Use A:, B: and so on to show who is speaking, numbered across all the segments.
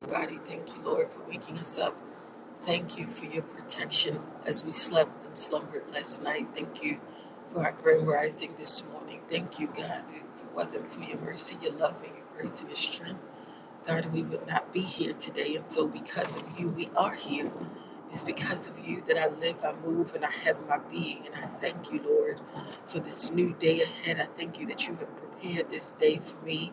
A: Body, thank you, Lord, for waking us up. Thank you for your protection as we slept and slumbered last night. Thank you for our grand rising this morning. Thank you, God. If it wasn't for your mercy, your love, and your grace and your strength, God, we would not be here today. And so, because of you, we are here. It's because of you that I live, I move, and I have my being. And I thank you, Lord, for this new day ahead. I thank you that you have prepared this day for me.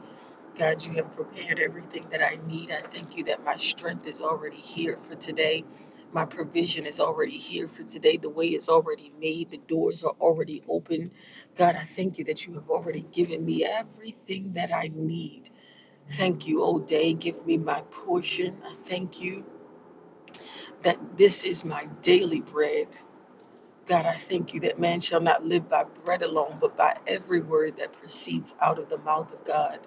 A: God, you have prepared everything that I need. I thank you that my strength is already here for today. My provision is already here for today. The way is already made. The doors are already open. God, I thank you that you have already given me everything that I need. Thank you, O day. Give me my portion. I thank you that this is my daily bread. God, I thank you that man shall not live by bread alone, but by every word that proceeds out of the mouth of God.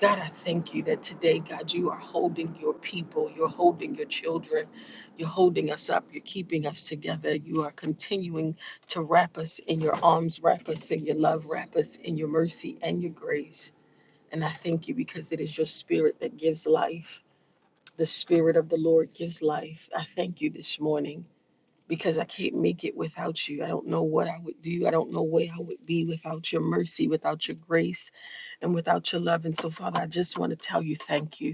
A: God, I thank you that today, God, you are holding your people, you're holding your children, you're holding us up, you're keeping us together, you are continuing to wrap us in your arms, wrap us in your love, wrap us in your mercy and your grace. And I thank you because it is your spirit that gives life. The spirit of the Lord gives life. I thank you this morning because I can't make it without you. I don't know what I would do. I don't know where I would be without your mercy, without your grace, and without your love. And so, Father, I just want to tell you thank you.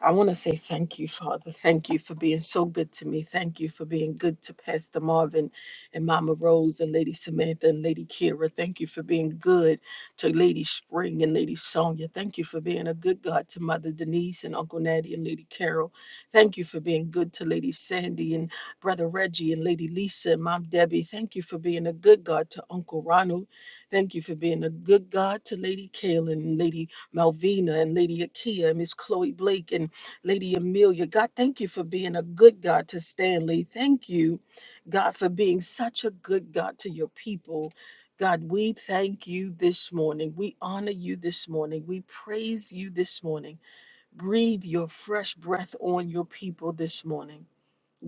A: I want to say thank you, Father. Thank you for being so good to me. Thank you for being good to Pastor Marvin and Mama Rose and Lady Samantha and Lady Kira. Thank you for being good to Lady Spring and Lady Sonia. Thank you for being a good God to Mother Denise and Uncle Natty and Lady Carol. Thank you for being good to Lady Sandy and Brother Reggie and Lady Lisa and Mom Debbie. Thank you for being a good God to Uncle Ronald. Thank you for being a good God to Lady Kaylin and Lady Malvina and Lady Akia and Miss Chloe Blake and Lady Amelia, God, thank you for being a good God to Stanley. Thank you, God, for being such a good God to your people. God, we thank you this morning. We honor you this morning. We praise you this morning. Breathe your fresh breath on your people this morning.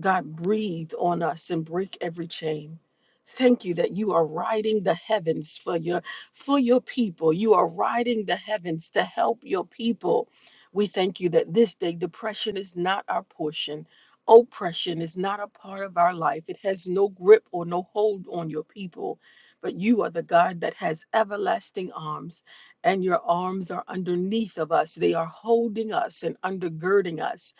A: God, breathe on us and break every chain. Thank you that you are riding the heavens for your for your people. You are riding the heavens to help your people. We thank you that this day depression is not our portion. Oppression is not a part of our life. It has no grip or no hold on your people. But you are the God that has everlasting arms, and your arms are underneath of us. They are holding us and undergirding us.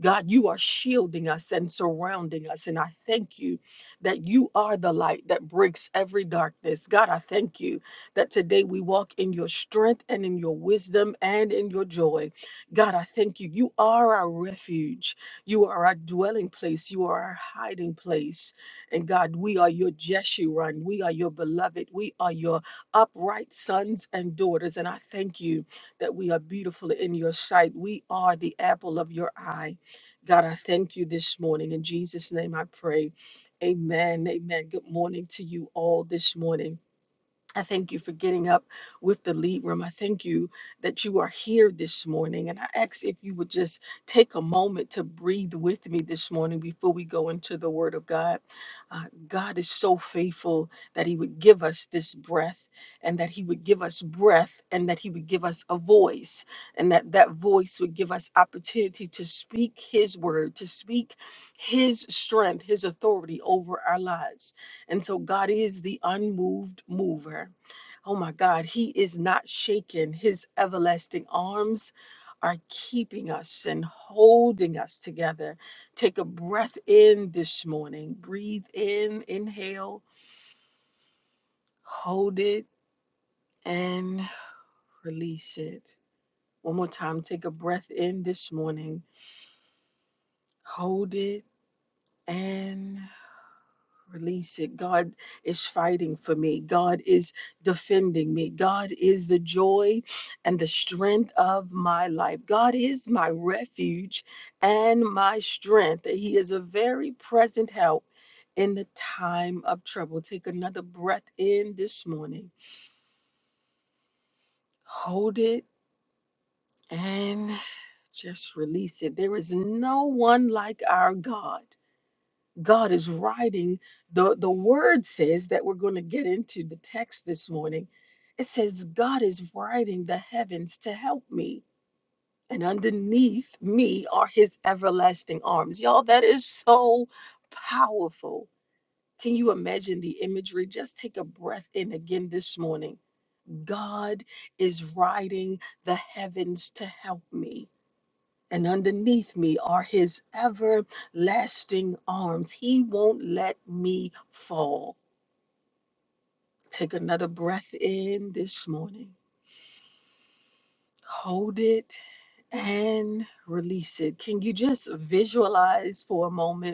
A: God, you are shielding us and surrounding us. And I thank you that you are the light that breaks every darkness. God, I thank you that today we walk in your strength and in your wisdom and in your joy. God, I thank you. You are our refuge. You are our dwelling place. You are our hiding place. And God, we are your Jeshurun. We are your beloved. We are your upright sons and daughters. And I thank you that we are beautiful in your sight. We are the apple of your eye. God, I thank you this morning. In Jesus' name I pray. Amen. Amen. Good morning to you all this morning. I thank you for getting up with the lead room. I thank you that you are here this morning. And I ask if you would just take a moment to breathe with me this morning before we go into the Word of God. Uh, God is so faithful that He would give us this breath and that He would give us breath and that He would give us a voice and that that voice would give us opportunity to speak His word, to speak His strength, His authority over our lives. And so God is the unmoved mover. Oh my God, He is not shaken. His everlasting arms are keeping us and holding us together. Take a breath in this morning. Breathe in, inhale, hold it, and release it. One more time. Take a breath in this morning. Hold it and. Release it. God is fighting for me. God is defending me. God is the joy and the strength of my life. God is my refuge and my strength. He is a very present help in the time of trouble. Take another breath in this morning. Hold it and just release it. There is no one like our God. God is writing. The, the word says that we're going to get into the text this morning. It says, God is writing the heavens to help me, and underneath me are his everlasting arms. Y'all, that is so powerful. Can you imagine the imagery? Just take a breath in again this morning. God is writing the heavens to help me and underneath me are his everlasting arms. He won't let me fall. Take another breath in this morning. Hold it and release it. Can you just visualize for a moment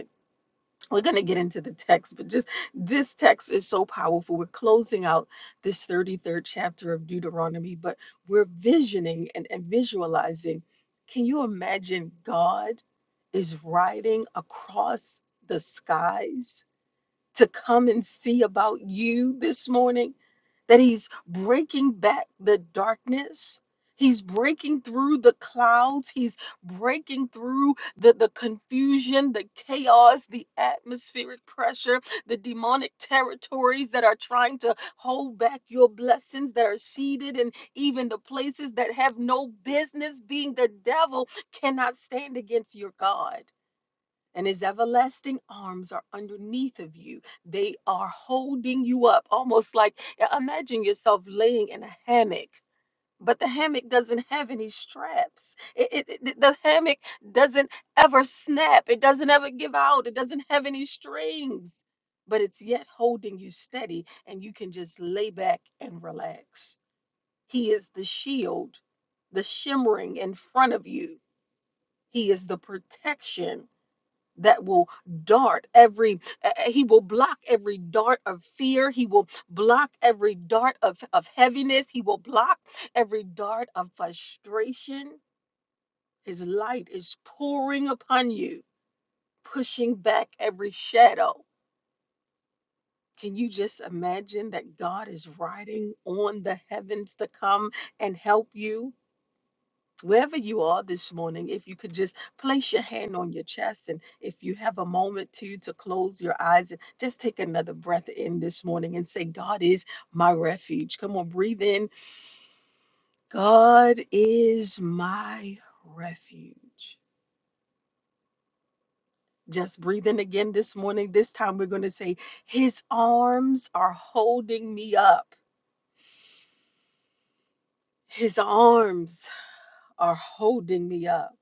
A: we're going to get into the text, but just this text is so powerful. We're closing out this 33rd chapter of Deuteronomy, but we're visioning and, and visualizing. Can you imagine God is riding across the skies? to come and see about you this morning, that He's breaking back the darkness. He's breaking through the clouds. He's breaking through the, the confusion, the chaos, the atmospheric pressure, the demonic territories that are trying to hold back your blessings that are seated and even the places that have no business being. The devil cannot stand against your God and his everlasting arms are underneath of you. They are holding you up, almost like imagine yourself laying in a hammock. But the hammock doesn't have any straps. It, it, it- the hammock doesn't ever snap. It doesn't ever give out. It doesn't have any strings. But it's yet holding you steady, and you can just lay back and relax. He is the shield, the shimmering in front of you. He is the protection that will dart every eh, eh, he will block every dart of fear he will block every dart of, of heaviness he will block every dart of frustration his light is pouring upon you pushing back every shadow can you just imagine that god is riding on the heavens to come and help you wherever you are this morning, if you could just place your hand on your chest and if you have a moment to to close your eyes and just take another breath in this morning and say, God is my refuge. Come on, breathe in. God is my refuge. Just breathe in again this morning. This time we're going to say, His arms are holding me up. His arms are holding me up.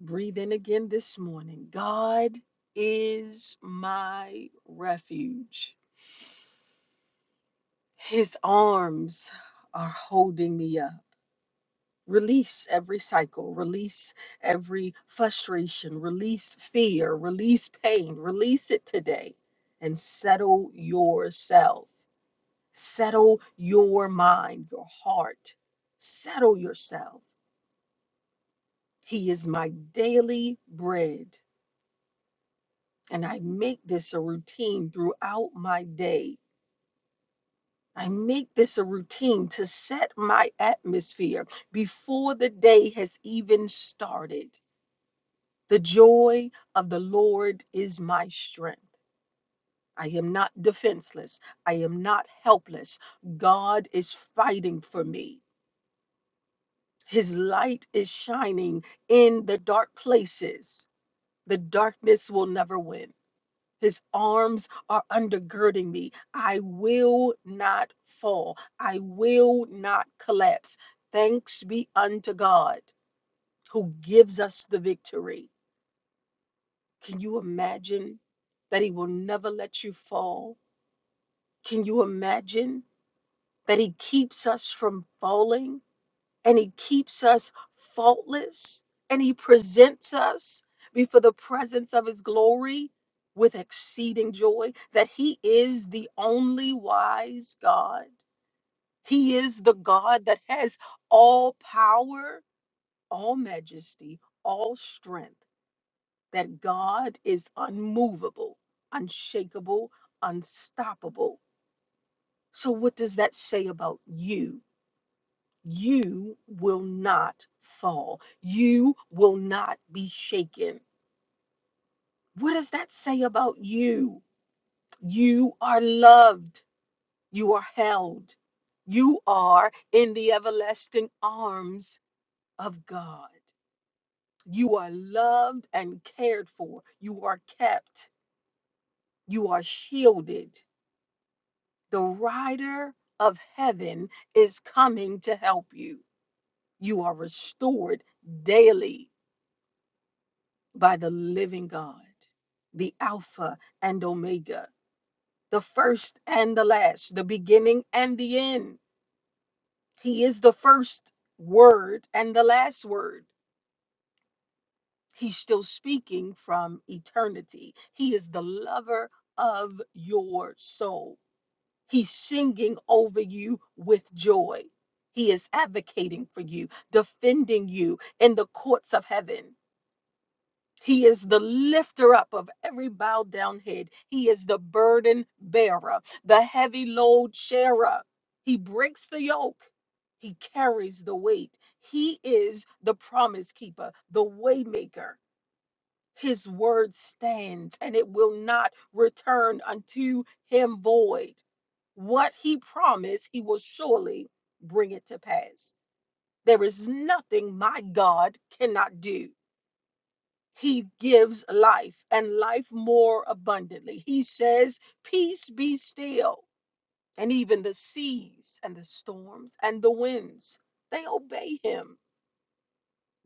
A: Breathe in again this morning. God is my refuge. His arms are holding me up. Release every cycle, release every frustration, release fear, release pain, release it today and settle yourself. Settle your mind, your heart. Settle yourself. He is my daily bread. And I make this a routine throughout my day. I make this a routine to set my atmosphere before the day has even started. The joy of the Lord is my strength. I am not defenseless. I am not helpless. God is fighting for me. His light is shining in the dark places. The darkness will never win. His arms are undergirding me. I will not fall. I will not collapse. Thanks be unto God who gives us the victory. Can you imagine that He will never let you fall? Can you imagine that He keeps us from falling? and he keeps us faultless and he presents us before the presence of his glory with exceeding joy that he is the only wise god he is the god that has all power all majesty all strength that god is unmovable unshakable unstoppable so what does that say about you you will not fall. You will not be shaken. What does that say about you? You are loved. You are held. You are in the everlasting arms of God. You are loved and cared for. You are kept. You are shielded. The rider of heaven is coming to help you. You are restored daily by the living God, the Alpha and Omega, the first and the last, the beginning and the end. He is the first word and the last word. He's still speaking from eternity. He is the lover of your soul. He's singing over you with joy. He is advocating for you, defending you in the courts of heaven. He is the lifter up of every bowed down head. He is the burden bearer, the heavy load sharer. He breaks the yoke. He carries the weight. He is the promise keeper, the way maker. His word stands and it will not return unto him void. What he promised, he will surely bring it to pass. There is nothing my God cannot do he gives life and life more abundantly. He says, Peace be still. And even the seas and the storms and the winds, they obey him.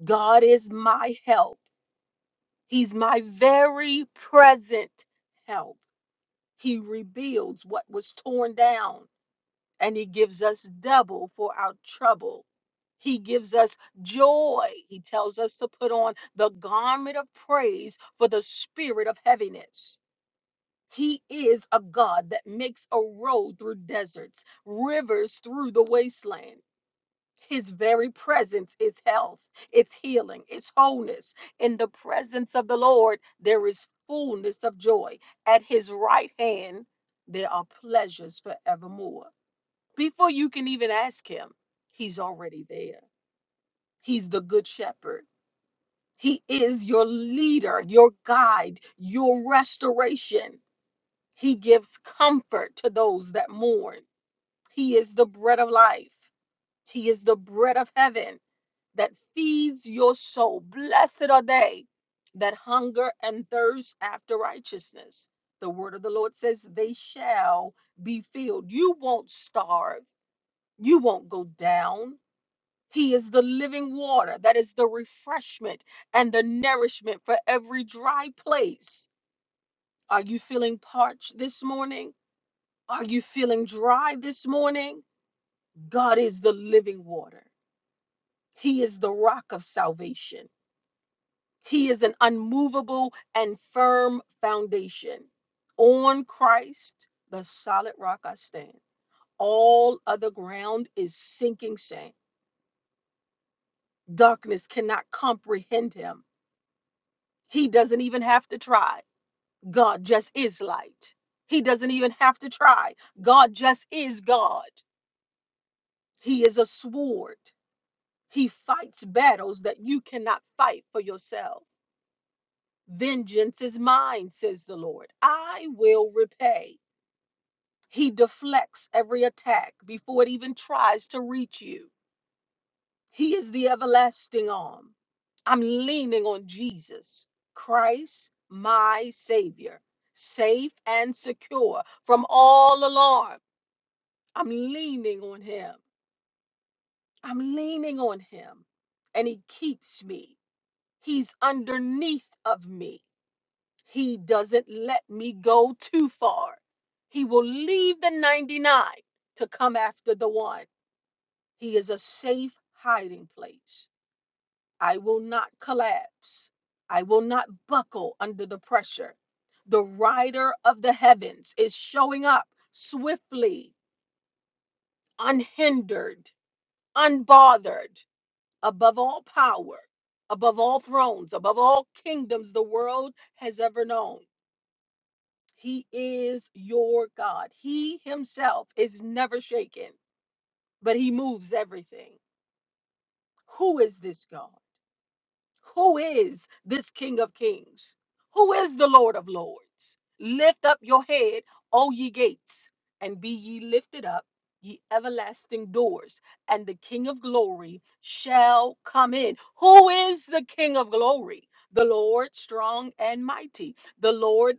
A: God is my help. He's my very present help. He rebuilds what was torn down and he gives us double for our trouble. He gives us joy. He tells us to put on the garment of praise for the spirit of heaviness. He is a God that makes a road through deserts, rivers through the wasteland. His very presence is health, it's healing, it's wholeness. In the presence of the Lord, there is fullness of joy. At his right hand, there are pleasures forevermore. Before you can even ask him, he's already there. He's the good shepherd. He is your leader, your guide, your restoration. He gives comfort to those that mourn. He is the bread of life. He is the bread of heaven that feeds your soul. Blessed are they that hunger and thirst after righteousness. The word of the Lord says, They shall be filled. You won't starve, you won't go down. He is the living water that is the refreshment and the nourishment for every dry place. Are you feeling parched this morning? Are you feeling dry this morning? God is the living water. He is the rock of salvation. He is an unmovable and firm foundation. On Christ, the solid rock I stand. All other ground is sinking sand. Darkness cannot comprehend him. He doesn't even have to try. God just is light. He doesn't even have to try. God just is God. He is a sword. He fights battles that you cannot fight for yourself. Vengeance is mine, says the Lord. I will repay. He deflects every attack before it even tries to reach you. He is the everlasting arm. I'm leaning on Jesus, Christ, my Savior, safe and secure from all alarm. I'm leaning on Him. I'm leaning on Him, and He keeps me. He's underneath of me. He doesn't let me go too far. He will leave the 99 to come after the one. He is a safe hiding place. I will not collapse. I will not buckle under the pressure. The rider of the heavens is showing up swiftly, unhindered, unbothered, above all power, above all thrones, above all kingdoms the world has ever known. He is your God. He himself is never shaken, but he moves everything. Who is this God? Who is this King of Kings? Who is the Lord of Lords? Lift up your head, O ye gates, and be ye lifted up, ye everlasting doors, and the King of glory shall come in. Who is the King of glory? The Lord strong and mighty, the Lord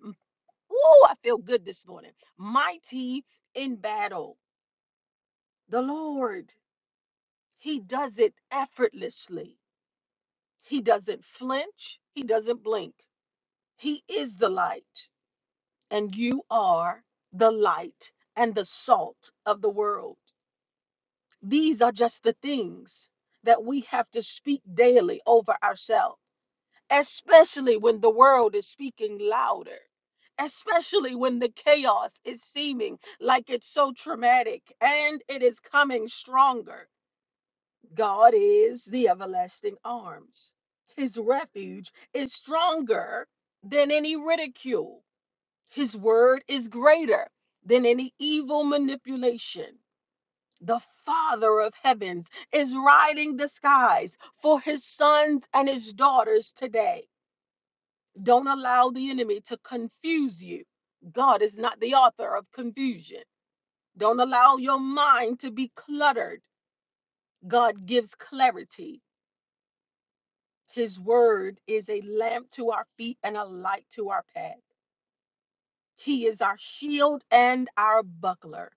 A: Ooh, I feel good this morning. Mighty in battle. The Lord, He does it effortlessly. He doesn't flinch, He doesn't blink. He is the light, and you are the light and the salt of the world. These are just the things that we have to speak daily over ourselves especially when the world is speaking louder, especially when the chaos is seeming like it's so traumatic and it is coming stronger. God is the everlasting arms. His refuge is stronger than any ridicule. His word is greater than any evil manipulation. The Father of heavens is riding the skies for his sons and his daughters today. Don't allow the enemy to confuse you. God is not the author of confusion. Don't allow your mind to be cluttered. God gives clarity. His word is a lamp to our feet and a light to our path. He is our shield and our buckler.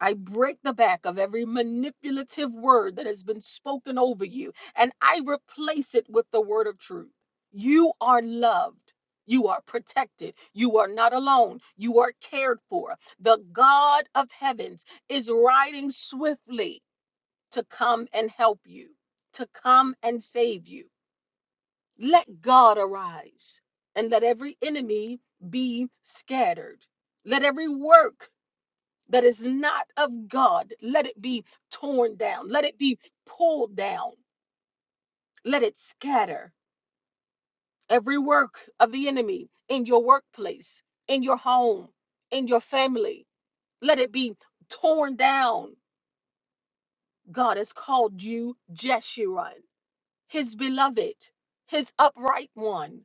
A: I break the back of every manipulative word that has been spoken over you, and I replace it with the word of truth. You are loved. You are protected. You are not alone. You are cared for. The God of heavens is riding swiftly to come and help you, to come and save you. Let God arise and let every enemy be scattered. Let every work that is not of God, let it be torn down, let it be pulled down, let it scatter. Every work of the enemy in your workplace, in your home, in your family, let it be torn down. God has called you Jeshurun, his beloved, his upright one.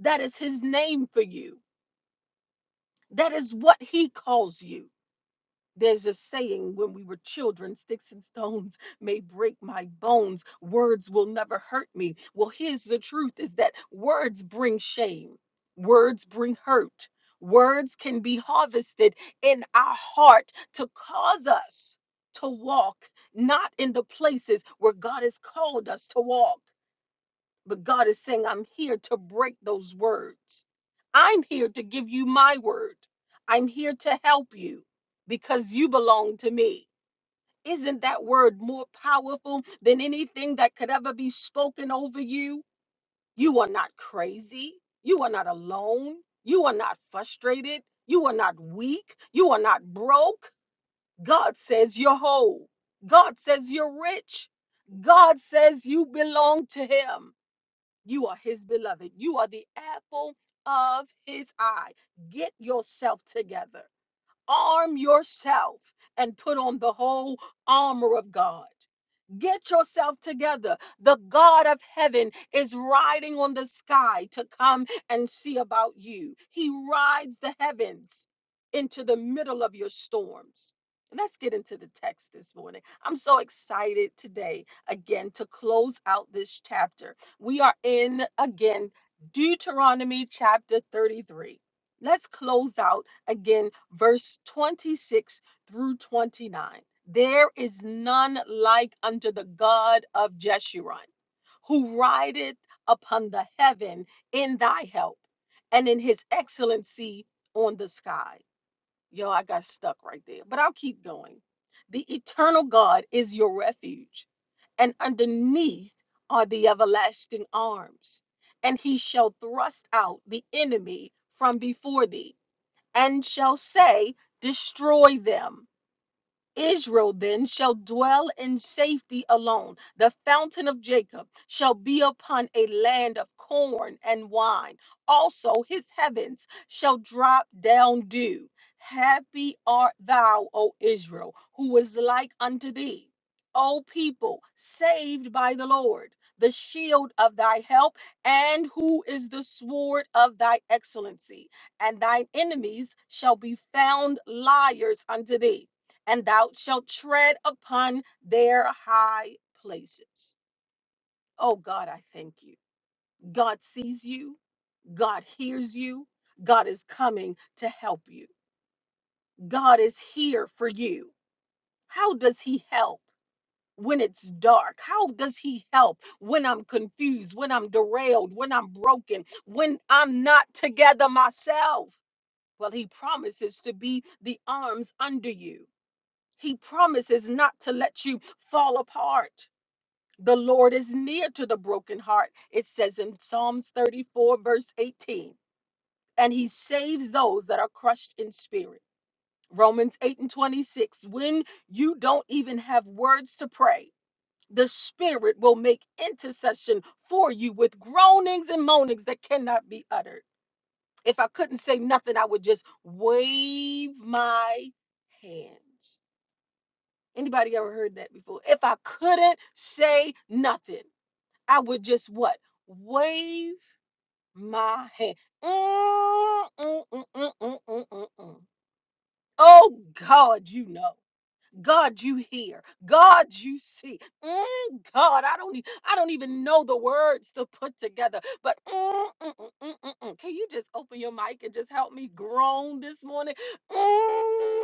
A: That is his name for you. That is what he calls you. There's a saying when we were children sticks and stones may break my bones, words will never hurt me. Well, here's the truth is that words bring shame, words bring hurt. Words can be harvested in our heart to cause us to walk not in the places where God has called us to walk. But God is saying, I'm here to break those words. I'm here to give you my word. I'm here to help you because you belong to me. Isn't that word more powerful than anything that could ever be spoken over you? You are not crazy. You are not alone. You are not frustrated. You are not weak. You are not broke. God says you're whole. God says you're rich. God says you belong to Him. You are his beloved. You are the apple of his eye. Get yourself together. Arm yourself and put on the whole armor of God. Get yourself together. The God of heaven is riding on the sky to come and see about you. He rides the heavens into the middle of your storms. Let's get into the text this morning. I'm so excited today, again, to close out this chapter. We are in, again, Deuteronomy chapter 33. Let's close out again, verse 26 through 29. There is none like unto the God of Jeshurun, who rideth upon the heaven in thy help, and in his excellency on the sky. Yo, I got stuck right there, but I'll keep going. The eternal God is your refuge, and underneath are the everlasting arms, and he shall thrust out the enemy from before thee and shall say, Destroy them. Israel then shall dwell in safety alone. The fountain of Jacob shall be upon a land of corn and wine. Also, his heavens shall drop down dew. Happy art thou, O Israel, who was like unto thee. O people, saved by the Lord, the shield of thy help, and who is the sword of thy excellency. And thine enemies shall be found liars unto thee and thou shalt tread upon their high places. Oh God, I thank you. God sees you, God hears you, God is coming to help you. God is here for you. How does He help? When it's dark, how does he help? When I'm confused, when I'm derailed, when I'm broken, when I'm not together myself. Well, he promises to be the arms under you. He promises not to let you fall apart. The Lord is near to the broken heart. It says in Psalms 34, verse 18. And he saves those that are crushed in spirit. Romans 8 and 26. When you don't even have words to pray, the Spirit will make intercession for you with groanings and moanings that cannot be uttered. If I couldn't say nothing, I would just wave my hands. Anybody ever heard that before? If I couldn't say nothing. I would just what? Wave my hand. Mm, mm, mm, mm, mm, mm, mm, mm. Oh God, you know. God, you hear. God, you see. Mm, God, I don't. e- I don't even know the words to put together. But mm, mm, mm, mm, mm, mm. can you just open your mic and just help me groan this morning? Mm,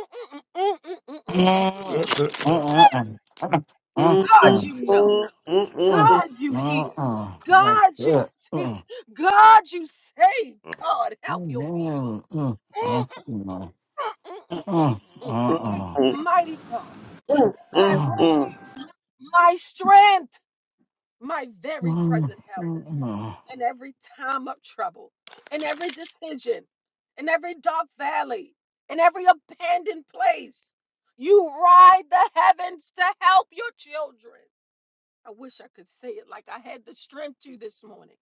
A: mm, mm, mm, mm, mm, mm.
B: Like,
A: mm.
C: Mm-mm-mm.
B: uh, uh, no, uh,
D: I
A: God,
B: uh,
A: you know.
D: will
A: God,
B: no,
A: you
B: uh, uh,
A: hear.
B: uh, uh,
A: God, you
B: uh,
A: see. God, you save. God, help your people. Mm, mm, mm, mm, mm, mm. Mighty God, my refuge, my strength, my very present help in every time of trouble, in every decision, in every dark valley, in every abandoned place. You ride the heavens to help your children. I wish I could say it like I had the strength to this morning.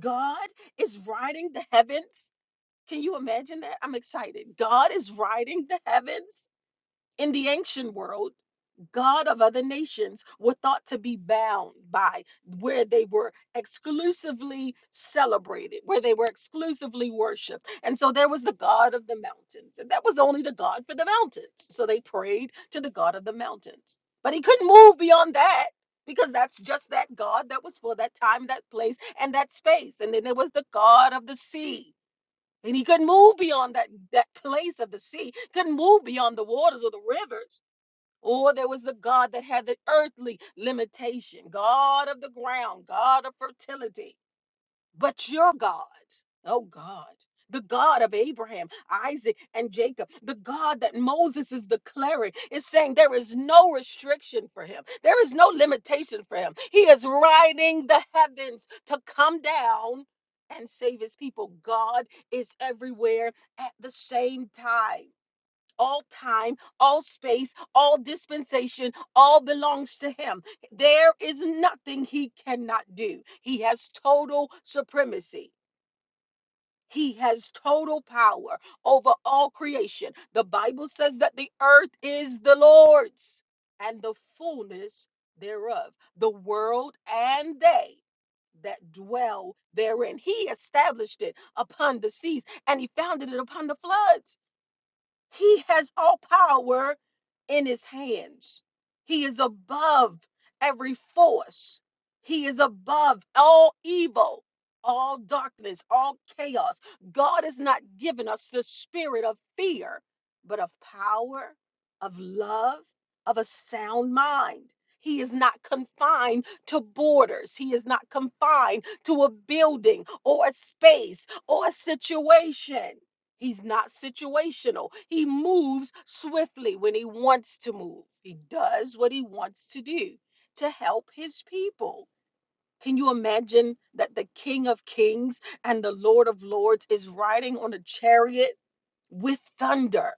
A: God is riding the heavens. Can you imagine that? I'm excited. God is riding the heavens in the ancient world, God of other nations were thought to be bound by where they were exclusively celebrated, where they were exclusively worshiped. And so there was the God of the mountains, and that was only the God for the mountains. So they prayed to the God of the mountains. But he couldn't move beyond that because that's just that God that was for that time, that place, and that space. And then there was the God of the sea. And he couldn't move beyond that, that place of the sea, couldn't move beyond the waters or the rivers. Or there was the God that had the earthly limitation, God of the ground, God of fertility but your God, oh God, the God of Abraham, Isaac, and Jacob, the God that Moses is declaring, is saying there is no restriction for him, there is no limitation for him. He is riding the heavens to come down and save his people. God is everywhere at the same time all time, all space, all dispensation, all belongs to him. There is nothing he cannot do. He has total supremacy. He has total power over all creation. The Bible says that the earth is the Lord's and the fullness thereof, the world and they that dwell therein. He established it upon the seas and he founded it upon the floods. He has all power in his hands. He is above every force. He is above all evil, all darkness, all chaos. God has not given us the spirit of fear, but of power, of love, of a sound mind. He is not confined to borders. He is not confined to a building or a space or a situation. He's not situational. He moves swiftly when he wants to move. He does what he wants to do to help his people. Can you imagine that the King of Kings and the Lord of Lords is riding on a chariot with thunder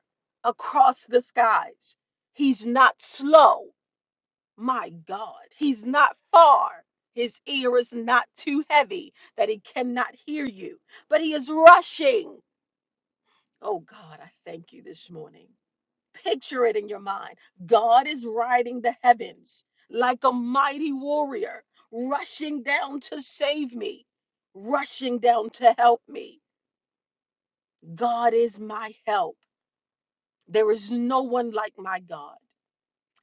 A: across the skies? He's not slow. My God, he's not far. His ear is not too heavy that he cannot hear you, but he is rushing. Oh God, I thank you this morning. Picture it in your mind. God is riding the heavens like a mighty warrior, rushing down to save me, rushing down to help me. God is my help. There is no one like my God.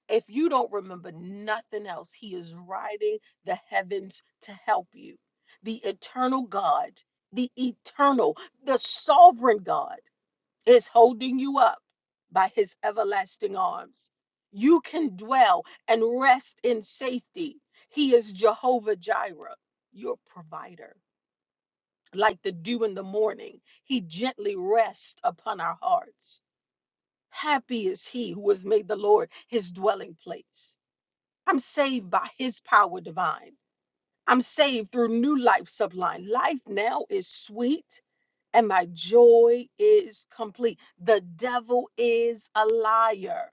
A: If you don't remember nothing else, He is riding the heavens to help you. The eternal God, the eternal, the sovereign God. is holding you up by his everlasting arms. You can dwell and rest in safety. He is Jehovah Jireh, your provider. Like the dew in the morning, he gently rests upon our hearts. Happy is he who has made the Lord his dwelling place. I'm saved by his power divine. I'm saved through new life sublime. Life now is sweet and my joy is complete. The devil is a liar.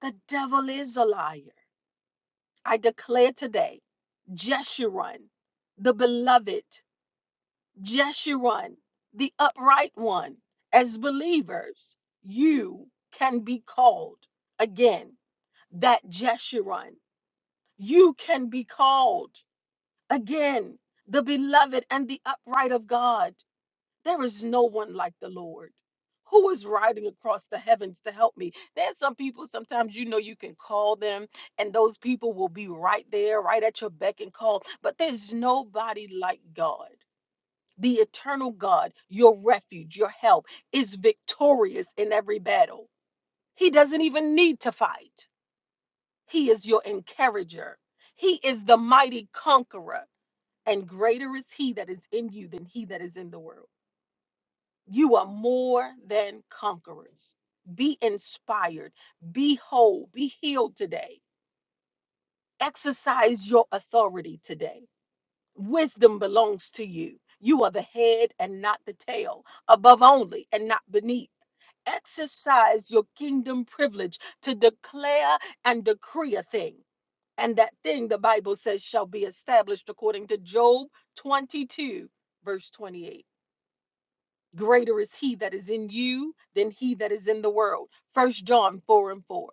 A: The devil is a liar. I declare today, Jeshurun, the beloved, Jeshurun, the upright one, as believers, you can be called again. That Jeshurun, you can be called again, the beloved and the upright of God. There is no one like the Lord. Who is riding across the heavens to help me? There's some people, sometimes you know you can call them, and those people will be right there, right at your beck and call. But there's nobody like God. The eternal God, your refuge, your help, is victorious in every battle. He doesn't even need to fight. He is your encourager, He is the mighty conqueror, and greater is He that is in you than He that is in the world. You are more than conquerors. Be inspired, be whole, be healed today. Exercise your authority today. Wisdom belongs to you. You are the head and not the tail, above only and not beneath. Exercise your kingdom privilege to declare and decree a thing. And that thing, the Bible says, shall be established according to Job 22, verse 28 greater is he that is in you than he that is in the world. First John 4 and 4.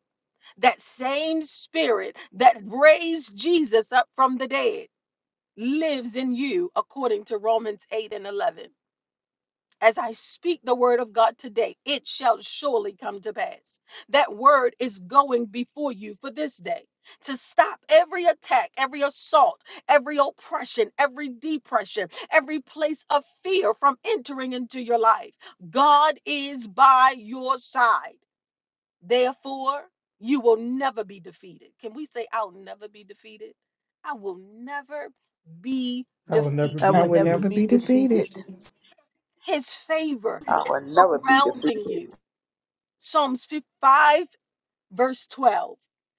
A: That same spirit that raised Jesus up from the dead lives in you according to Romans 8 and 11. As I speak the word of God today, it shall surely come to pass. That word is going before you for this day to stop every attack, every assault, every oppression, every depression, every place of fear from entering into your life. God is by your side. Therefore, you will never be defeated. Can we say, I'll never be defeated? I will never be
E: I will never
A: defeated.
F: I
E: be
G: I
F: will
G: will
F: never
E: defeated.
G: never
F: be
G: be
F: defeated.
G: defeated.
A: His favor is
D: never be
A: surrounding you.
D: defeated.
A: Psalms 5, verse 12.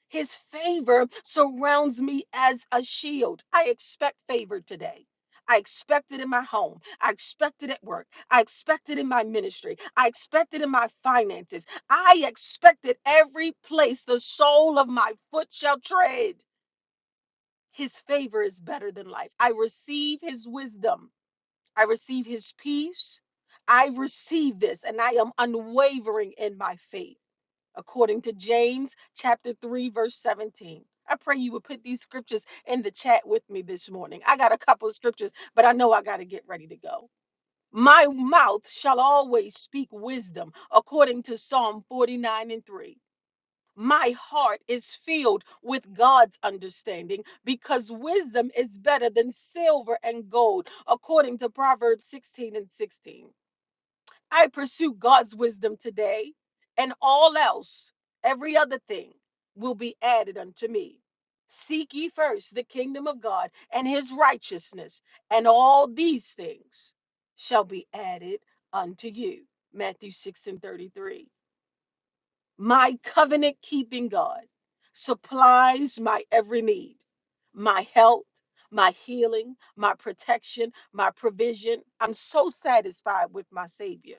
A: His favor surrounds me as a shield. I expect favor today. I expect it in my home. I expect it at work. I expect it in my ministry. I expect it in my finances. I expect it every place the sole of my foot shall tread. His favor is better than life. I receive his wisdom. I receive his peace. I receive this and I am unwavering in my faith according to James chapter 3 verse 17. I pray you would put these scriptures in the chat with me this morning. I got a couple of scriptures, but I know I got to get ready to go. My mouth shall always speak wisdom according to Psalm 49 and 3. My heart is filled with God's understanding because wisdom is better than silver and gold according to Proverbs 16 and 16. I pursue God's wisdom today, and all else, every other thing, will be added unto me. Seek ye first the kingdom of God and his righteousness, and all these things shall be added unto you. Matthew 6 and 33. My covenant keeping God supplies my every need, my health, my healing, my protection, my provision. I'm so satisfied with my Savior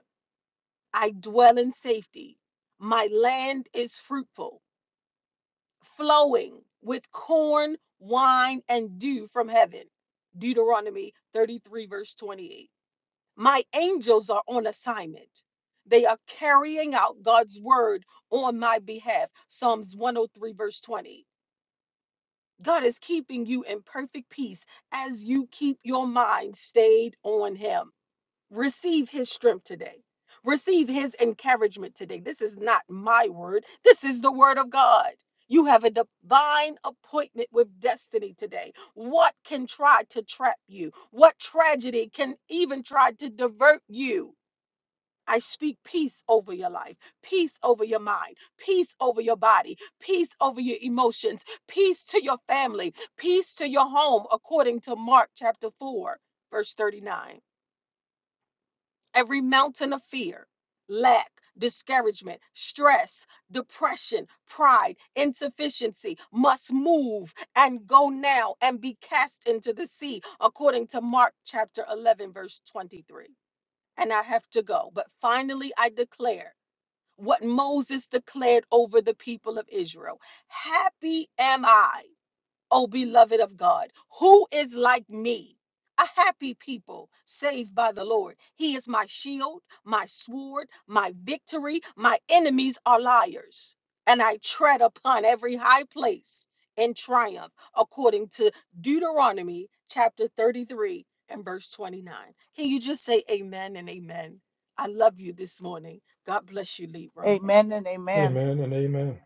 A: I dwell in safety. My land is fruitful, flowing with corn, wine, and dew from heaven. Deuteronomy 33, verse 28. My angels are on assignment. They are carrying out God's word on my behalf. Psalms 103, verse 20. God is keeping you in perfect peace as you keep your mind stayed on Him. Receive his strength today. Receive his encouragement today. This is not my word, this is the word of God. You have a divine appointment with destiny today. What can try to trap you? What tragedy can even try to divert you? I speak peace over your life, peace over your mind, peace over your body, peace over your emotions, peace to your family, peace to your home, according to Mark chapter 4, verse 39 every mountain of fear, lack, discouragement, stress, depression, pride, insufficiency must move and go now and be cast into the sea, according to Mark chapter 11, verse 23. And I have to go. But finally, I declare what Moses declared over the people of Israel Happy am I. O beloved of God, who is like me? A happy people saved by the Lord. He is my shield, my sword, my victory. My enemies are liars, and I tread upon every high place in triumph, according to Deuteronomy chapter 33 and verse 29. Can you just say amen and amen? I love you this morning. God bless you, Libram.
F: Amen and amen.
E: Amen and amen.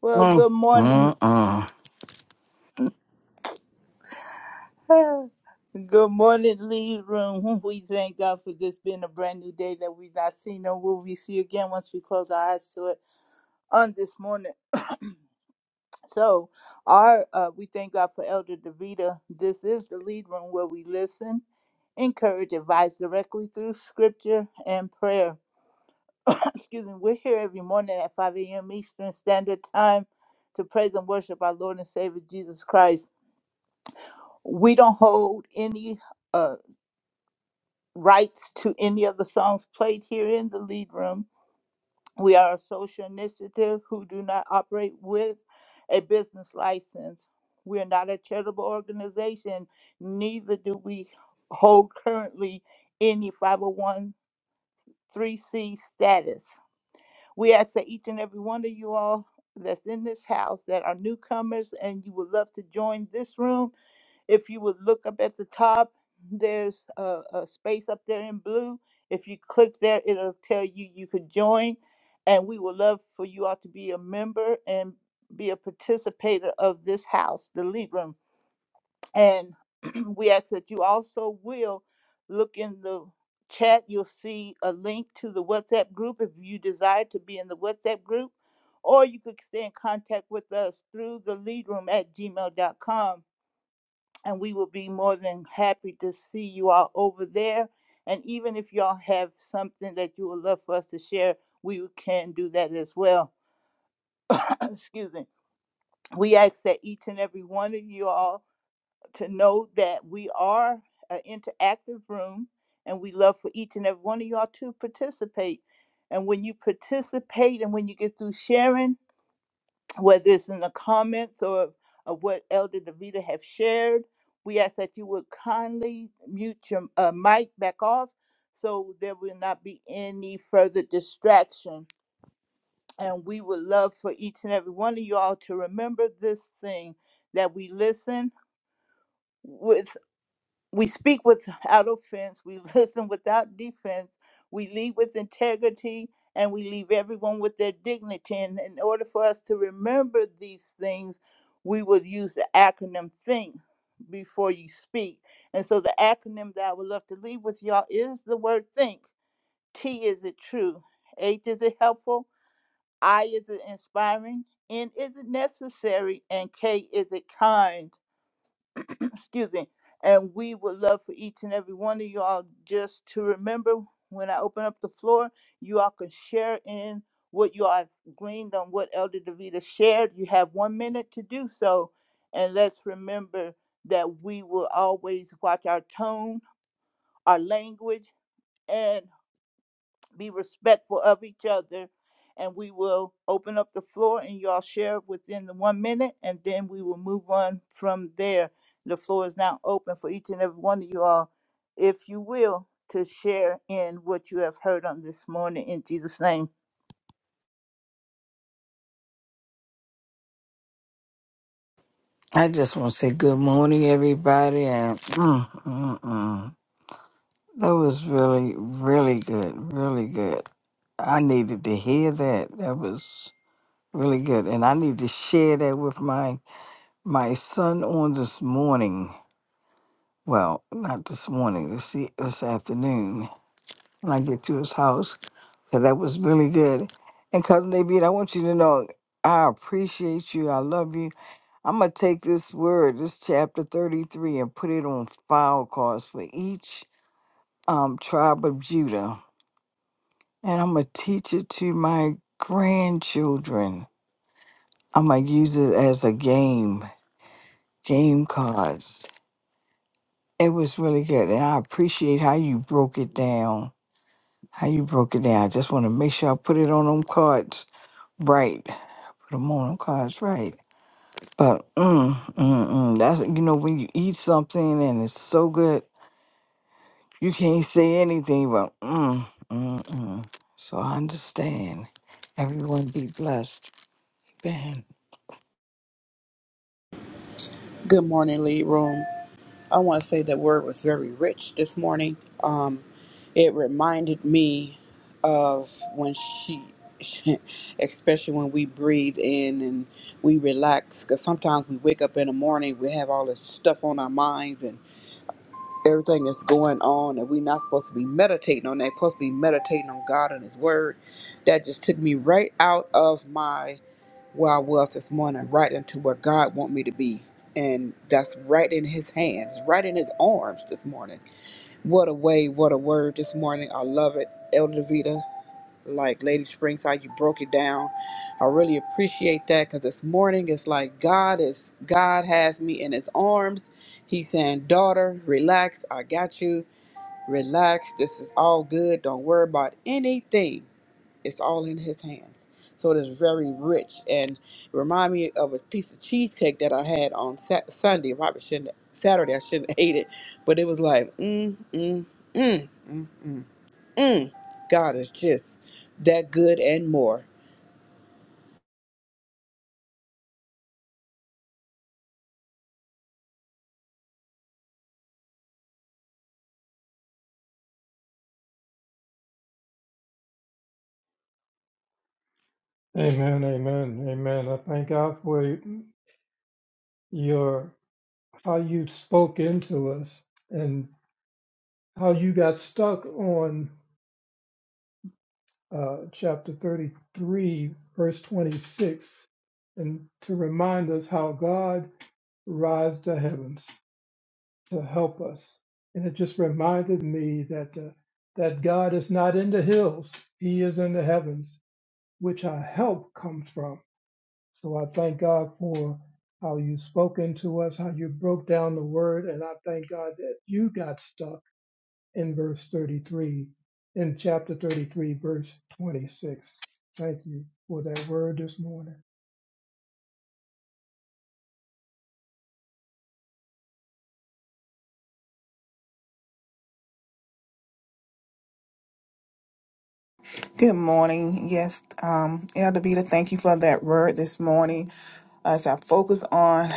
F: Well,
B: uh,
F: good morning.
B: uh, uh.
F: Ah, Good morning, Lead Room. We thank God for this being a brand new day that we've not seen nor will we see again once we close our eyes to it on this morning. So, our uh, we thank God for Elder Davida. This is the Lead Room where we listen, encourage, advise directly through scripture and prayer. excuse me, we're here every morning at 5 a.m. Eastern Standard Time to praise and worship our Lord and Savior Jesus Christ. We don't hold any uh, rights to any of the songs played here in the lead room. We are a social initiative who do not operate with a business license. We are not a charitable organization, neither do we hold currently any 501 c status. We ask that each and every one of you all that's in this house that are newcomers and you would love to join this room, if you would look up at the top, there's a, a space up there in blue. If you click there, it'll tell you you could join. And we would love for you all to be a member and be a participator of this house, the lead room. And we ask that you also will look in the chat. You'll see a link to the WhatsApp group if you desire to be in the WhatsApp group, or you could stay in contact with us through the lead room at gmail dot com. And we will be more than happy to see you all over there. And even if y'all have something that you would love for us to share, we can do that as well. Excuse me. We ask that each and every one of you all to know that we are an interactive room and we love for each and every one of y'all to participate. And when you participate and when you get through sharing, whether it's in the comments or of what Elder Davita have shared, we ask that you would kindly mute your uh, mic back off so there will not be any further distraction. And we would love for each and every one of y'all to remember this thing that we listen with. We speak without offense. We listen without defense. We lead with integrity and we leave everyone with their dignity. And in order for us to remember these things, we would use the acronym THINK before you speak. And so the acronym that I would love to leave with y'all is the word THINK. T is it true? H is it helpful? I is it inspiring? N is it necessary? And K is it kind? excuse me. And we would love for each and every one of you all just to remember when I open up the floor, you all can share in what you all have gleaned on what Elder Davita shared. You have one minute to do so. And let's remember that we will always watch our tone, our language, and be respectful of each other and we will open up the floor and y'all share within the one minute and then we will move on from there the floor is now open for each and every one of you all if you will to share in what you have heard on this morning in jesus name
B: I just want to say good morning, everybody, and uh, uh, uh. that was really, really good, really good. I needed to hear that. That was really good, and I need to share that with my my son on this morning. Well, not this morning, this, e- this afternoon when I get to his house, 'cause that was really good. And Cousin David, I want you to know I appreciate you. I love you. I'm going to take this word, this chapter 33, and put it on file cards for each um, tribe of Judah. And I'm going to teach it to my grandchildren. I'm going to use it as a game, game cards. It was really good. And I appreciate how you broke it down. How you broke it down. I just want to make sure I put it on them cards right. Put them on them cards right. But mm, mm, mm, that's you know when you eat something and it's so good, you can't say anything but mm, mm, mm. So I understand. Everyone be blessed. Amen.
D: Good morning, lead room. I want to say that word was very rich this morning. Um, it reminded me of when she, especially when we breathe in and we relax, because sometimes we wake up in the morning, we have all this stuff on our minds, and. everything that's going on and we're not supposed to be meditating on that supposed to be meditating on god and his word that just took me right out of my where i was this morning right into where god want me to be and that's right in his hands right in his arms this morning what a way what a word this morning i love it elder vita like Lady Springside, you broke it down. I really appreciate that because this morning it's like God is God has me in His arms. He's saying, "Daughter, relax. I got you. Relax. This is all good. Don't worry about anything. It's all in His hands." So it is very rich and remind me of a piece of cheesecake that I had on Sat- Sunday. Probably shouldn't Saturday. I shouldn't have ate it, but it was like mm mm mm mm mm. Mm, God is just that good and more.
E: Amen, amen, amen. I thank God for your how you spoke into us and how you got stuck on uh, chapter 33, verse 26, and to remind us how God rise to heavens to help us. And it just reminded me that uh, that God is not in the hills; He is in the heavens, which our help comes from. So I thank God for how you've spoken to us, how you broke down the word, and I thank God that you got stuck in verse 33, in chapter 33, verse 26. Thank you for that word this morning.
G: Good morning. Yes, um, Elder Beta, thank you for that word this morning. As I focus on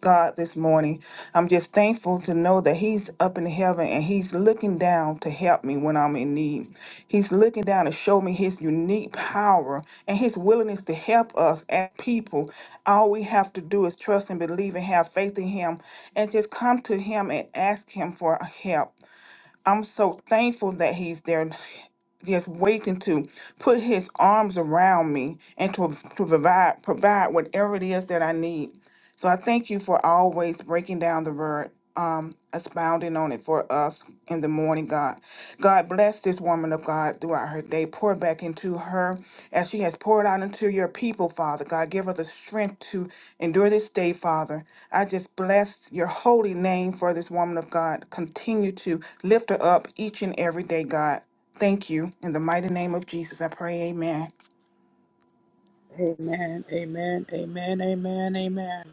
G: God this morning, I'm just thankful to know that He's up in heaven and He's looking down to help me when I'm in need. He's looking down to show me His unique power and His willingness to help us as people. All we have to do is trust and believe and have faith in Him and just come to Him and ask Him for help. I'm so thankful that he's there just waiting to put his arms around me and to, to provide provide whatever it is that I need. So I thank you for always breaking down the word, um, expounding on it for us in the morning, God. God bless this woman of God throughout her day. Pour back into her as she has poured out into your people, Father. God, give her the strength to endure this day, Father. I just bless your holy name for this woman of God. Continue to lift her up each and every day, God. Thank you. In the mighty name of Jesus, I pray, amen.
D: Amen. Amen. Amen. Amen. Amen.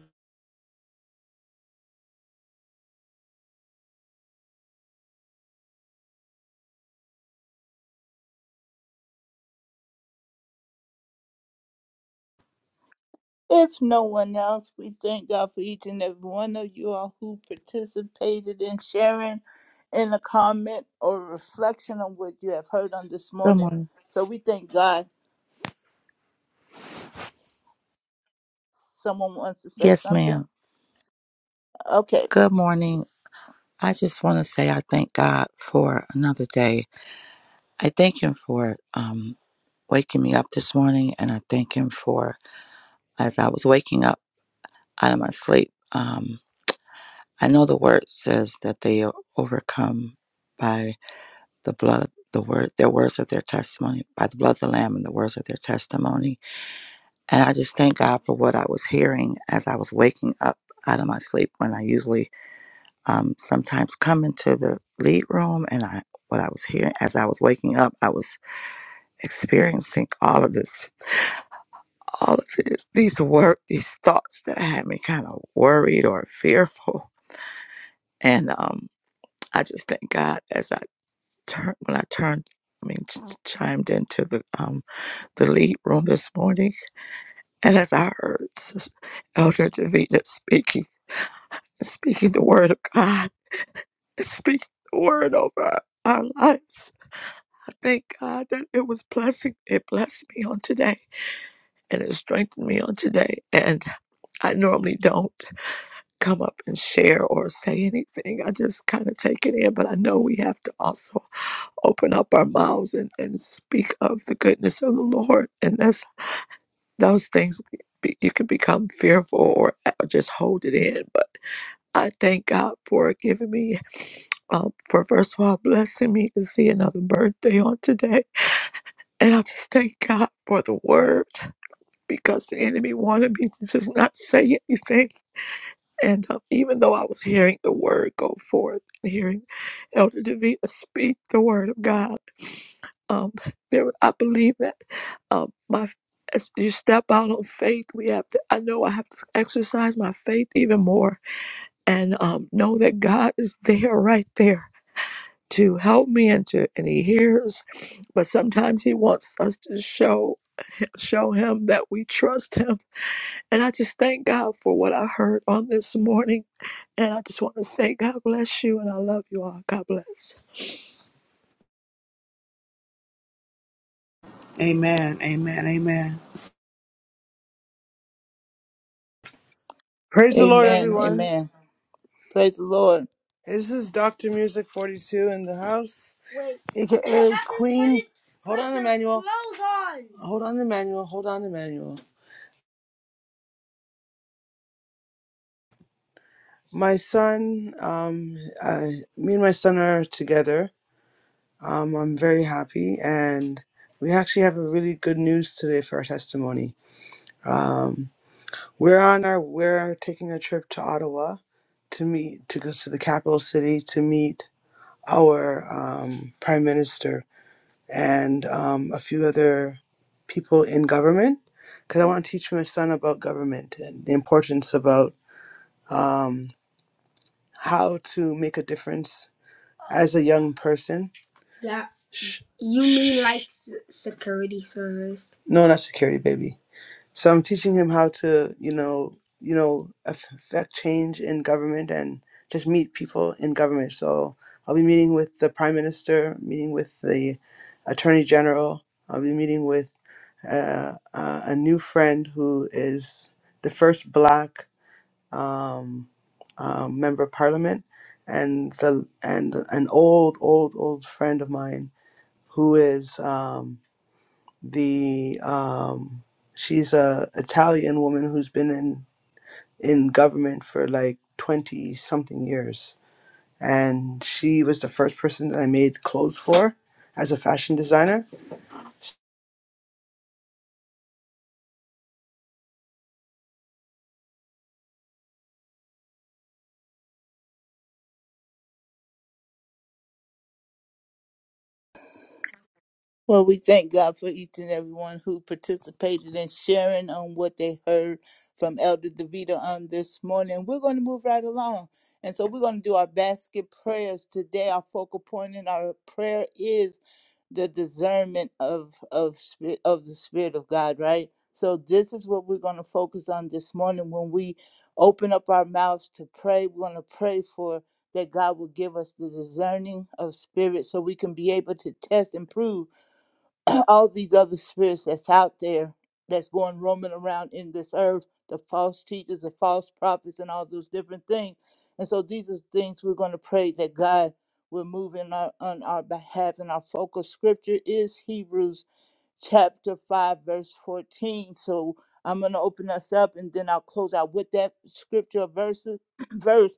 F: if no one else we thank god for each and every one of you all who participated in sharing in a comment or reflection on what you have heard on this
H: Good
F: morning
H: morning.
F: so we thank god Someone wants to say
H: Yes,
F: something?
H: ma'am.
F: Okay.
H: Good morning. I just want to say I thank God for another day. I thank Him for um, waking me up this morning, and I thank Him for as I was waking up out of my sleep. Um, I know the word says that they are overcome by the blood of the word, their words of their testimony, by the blood of the Lamb and the words of their testimony. And I just thank God for what I was hearing as I was waking up out of my sleep when I usually um, sometimes come into the lead room and I what I was hearing as I was waking up, I was experiencing all of this, all of this, these work, these thoughts that had me kind of worried or fearful. And um, I just thank God as I turned, when I turned, I mean, ch- chimed into the um, the lead room this morning. And as I heard Sis- Elder Davida speaking, speaking the word of God, and speaking the word over our our lives Thank God that it was blessing. It blessed me on today and it strengthened me on today. And I normally don't come up and share or say anything. I just kind of take it in, but I know we have to also open up our mouths and, and speak of the goodness of the Lord. And that's those things be, you can become fearful or just hold it in. But I thank God for giving me, um, for first of all, blessing me to see another birthday on today. And I just thank God for the word because the enemy wanted me to just not say anything. And uh, even though I was hearing the word go forth and hearing Elder Davida speak the word of God, um, there I believe that um, my as you step out on faith, we have to. I know I have to exercise my faith even more and um, know that God is there, right there, to help me and to and He hears. But sometimes He wants us to show. show him that we trust him. And I just thank God for what I heard on this morning. And I just want to say, God bless you, and I love you all. God bless.
D: Amen. Amen. Amen.
I: Praise the Lord,
F: Amen.
I: everyone.
F: Amen. Praise the Lord.
I: This is Dr. Music 42 in the house. AKA Queen. Hold on, Emmanuel. Hold on, Emmanuel. Hold on, Emmanuel. My son, um, I, me and my son are together. Um, I'm very happy, and we actually have a really good news today for our testimony. Um, we're on our we're taking a trip to Ottawa to meet to go to the capital city to meet our um, prime minister and um, a few other people in government because I want to teach my son about government and the importance about um, how to make a difference as a young person. That you mean like s- security service? No, not security, baby. So I'm teaching him how to, you know, you know, affect change in government and just meet people in government. So I'll be meeting with the prime minister, meeting with the attorney general. I'll be meeting with uh, uh, a new friend who is the first black um, uh, member of parliament, and the and an old, old, old friend of mine who is. Um, the um she's a Italian woman who's been in in government for like 20 something years and she was the first person that I made clothes for as a fashion designer
F: Well, we thank God for each and everyone who participated in sharing on what they heard from Elder DeVito on this morning. We're going to move right along. And so we're going to do our basket prayers today. Our focal point in our prayer is the discernment of of spirit of the spirit of God, right? So this is what we're going to focus on this morning when we open up our mouths to pray. We're going to pray for that God will give us the discerning of spirit so we can be able to test and prove all these other spirits that's out there that's going roaming around in this earth, the false teachers, the false prophets, and all those different things. And so these are things we're going to pray that God will move in our, on our behalf. And our focus scripture is Hebrews chapter 5, verse 14. So I'm going to open us up and then I'll close out with that scripture verse, verse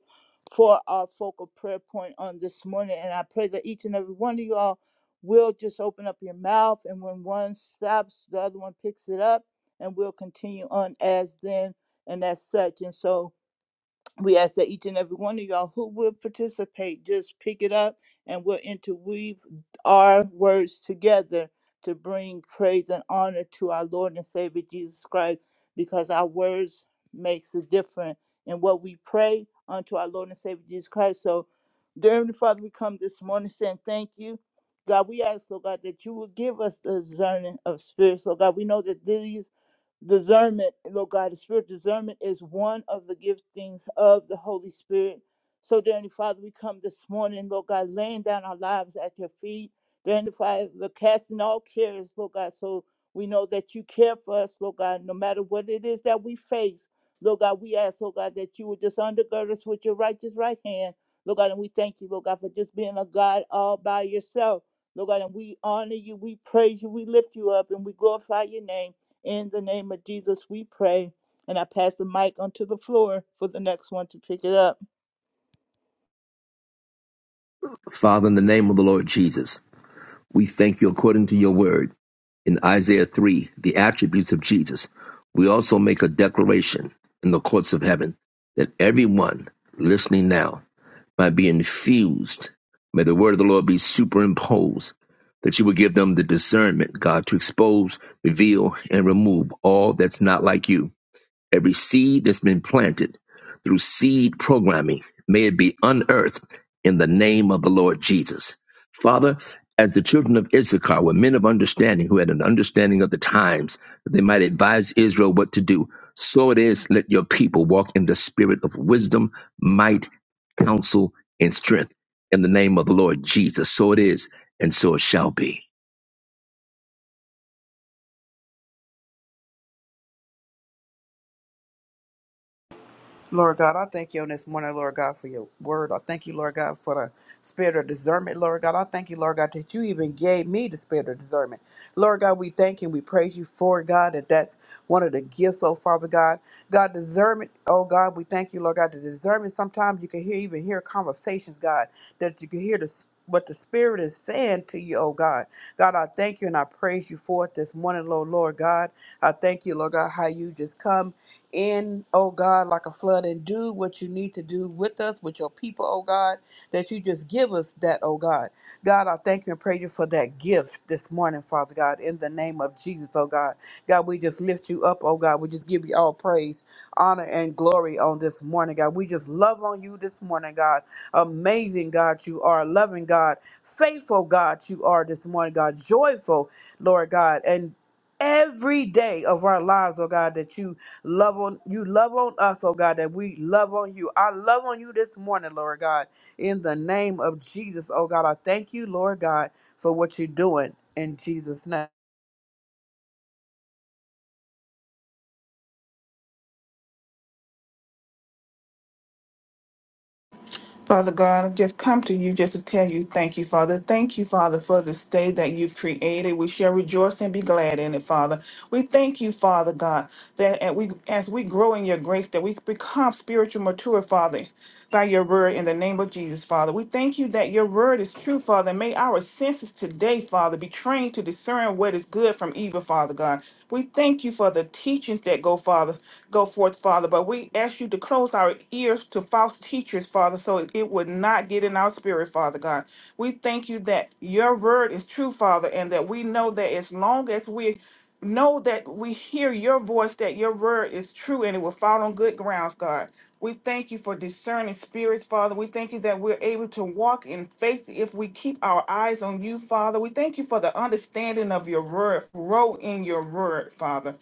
F: for our focal prayer point on this morning. And I pray that each and every one of you all will just open up your mouth. And when one stops, the other one picks it up and we'll continue on as then and as such. And so we ask that each and every one of y'all who will participate just pick it up and we will interweave our words together to bring praise and honor to our Lord and Savior Jesus Christ because our words makes a difference in what we pray unto our Lord and Savior Jesus Christ. So dear Heavenly Father, we come this morning saying thank you. God, we ask, Lord God, that you will give us the discerning of spirits. Lord God, we know that these discernment, Lord God, the spirit of discernment is one of the giftings of the Holy Spirit. So, dear Heavenly Father, we come this morning, Lord God, laying down our lives at your feet. Dear Heavenly Father, casting all cares, Lord God, so we know that you care for us, Lord God, no matter what it is that we face. Lord God, we ask, Lord God, that you would just undergird us with your righteous right hand. Lord God, and we thank you, Lord God, for just being a God all by yourself. Lord God, and we honor you, we praise you, we lift you up, and we glorify your name. In the name of Jesus, we pray. And I pass the mic onto the floor for the next one to pick it up.
J: Father, in the name of the Lord Jesus, we thank you according to your word in Isaiah 3, the attributes of Jesus. We also make a declaration in the courts of heaven that everyone listening now might be infused. May the word of the Lord be superimposed, that you would give them the discernment, God, to expose, reveal, and remove all that's not like you. Every seed that's been planted through seed programming, may it be unearthed in the name of the Lord Jesus. Father, as the children of Issachar were men of understanding who had an understanding of the times, that they might advise Israel what to do, so it is let your people walk in the spirit of wisdom, might, counsel, and strength in the name of the Lord Jesus. So it is, and so it shall be.
D: Lord God, I thank you on this morning, Lord God, for your word. I thank you, Lord God, for the spirit of discernment, Lord God. I thank you, Lord God, that you even gave me the spirit of discernment. Lord God, we thank and we praise you for it, God, that that's one of the gifts, oh Father God. God, discernment, oh God, we thank you, Lord God, the discernment. Sometimes you can hear, even hear conversations, God, that you can hear the what the Spirit is saying to you, oh God. God, I thank you and I praise you for it this morning, Lord, Lord God. I thank you, Lord God, how you just come in, oh God, like a flood and do what you need to do with us, with your people, oh God, that you just give us that, oh God. God, I thank you and praise you for that gift this morning, Father God, in the name of Jesus, oh God. God, we just lift you up, oh God. We just give you all praise, honor, and glory on this morning, God. We just love on you this morning, God. Amazing God, you are. Loving God, faithful God, you are this morning, God. Joyful, Lord God, and every day of our lives, oh God, that you Love on you love on us, oh God, that we love on you. I love on you this morning, Lord God. In the name of Jesus, oh God, I thank you, Lord God, for what you're doing in Jesus' name.
G: Father God, I've just come to you just to tell you thank you, Father. Thank you, Father, for this day that you've created. We shall rejoice and be glad in it, Father. We thank you, Father God, that as we, as we grow in your grace, that we become spiritual mature, Father, by your word in the name of Jesus, Father. We thank you that your word is true, Father. May our senses today, Father, be trained to discern what is good from evil, Father God. We thank you for the teachings that go, Father, go forth, Father. But we ask you to close our ears to false teachers, Father, so it would not get in our spirit, Father God. We thank you that your word is true, Father, and that we know that as long as we know that we hear your voice, that your word is true and it will fall on good grounds, God. We thank you for discerning spirits, Father. We thank you that we're able to walk in faith if we keep our eyes on you, Father. We thank you for the understanding of your word, grow in your word, Father.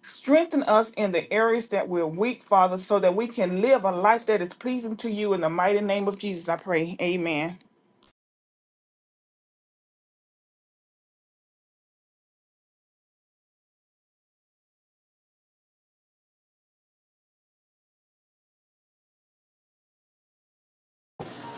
G: Strengthen us in the areas that we're weak, Father, so that we can live a life that is pleasing to you. In the mighty name of Jesus, I pray. Amen.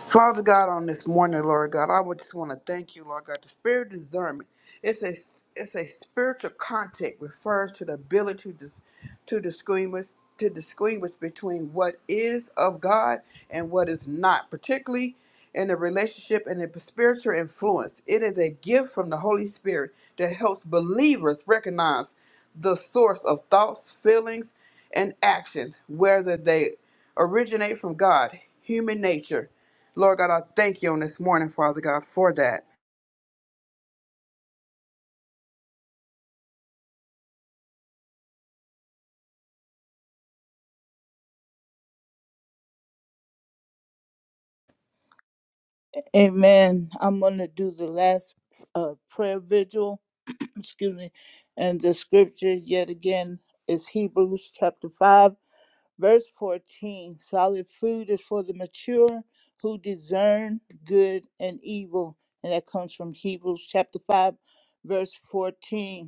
D: Father God, on this morning, Lord God, I would just want to thank you, Lord God. The spirit of discernment, it's a it's a spiritual contact refers to the ability to dis, to distinguish to distinguish between what is of God and what is not, particularly in a relationship and a spiritual influence. It is a gift from the Holy Spirit that helps believers recognize the source of thoughts, feelings, and actions, whether they originate from God, human nature Lord God, I thank you on this morning, Father God, for that.
F: Amen. I'm going to do the last uh, prayer vigil. Excuse me. And the scripture, yet again, is Hebrews chapter 5, verse 14. Solid food is for the mature who discern good and evil. And that comes from Hebrews chapter 5, verse 14.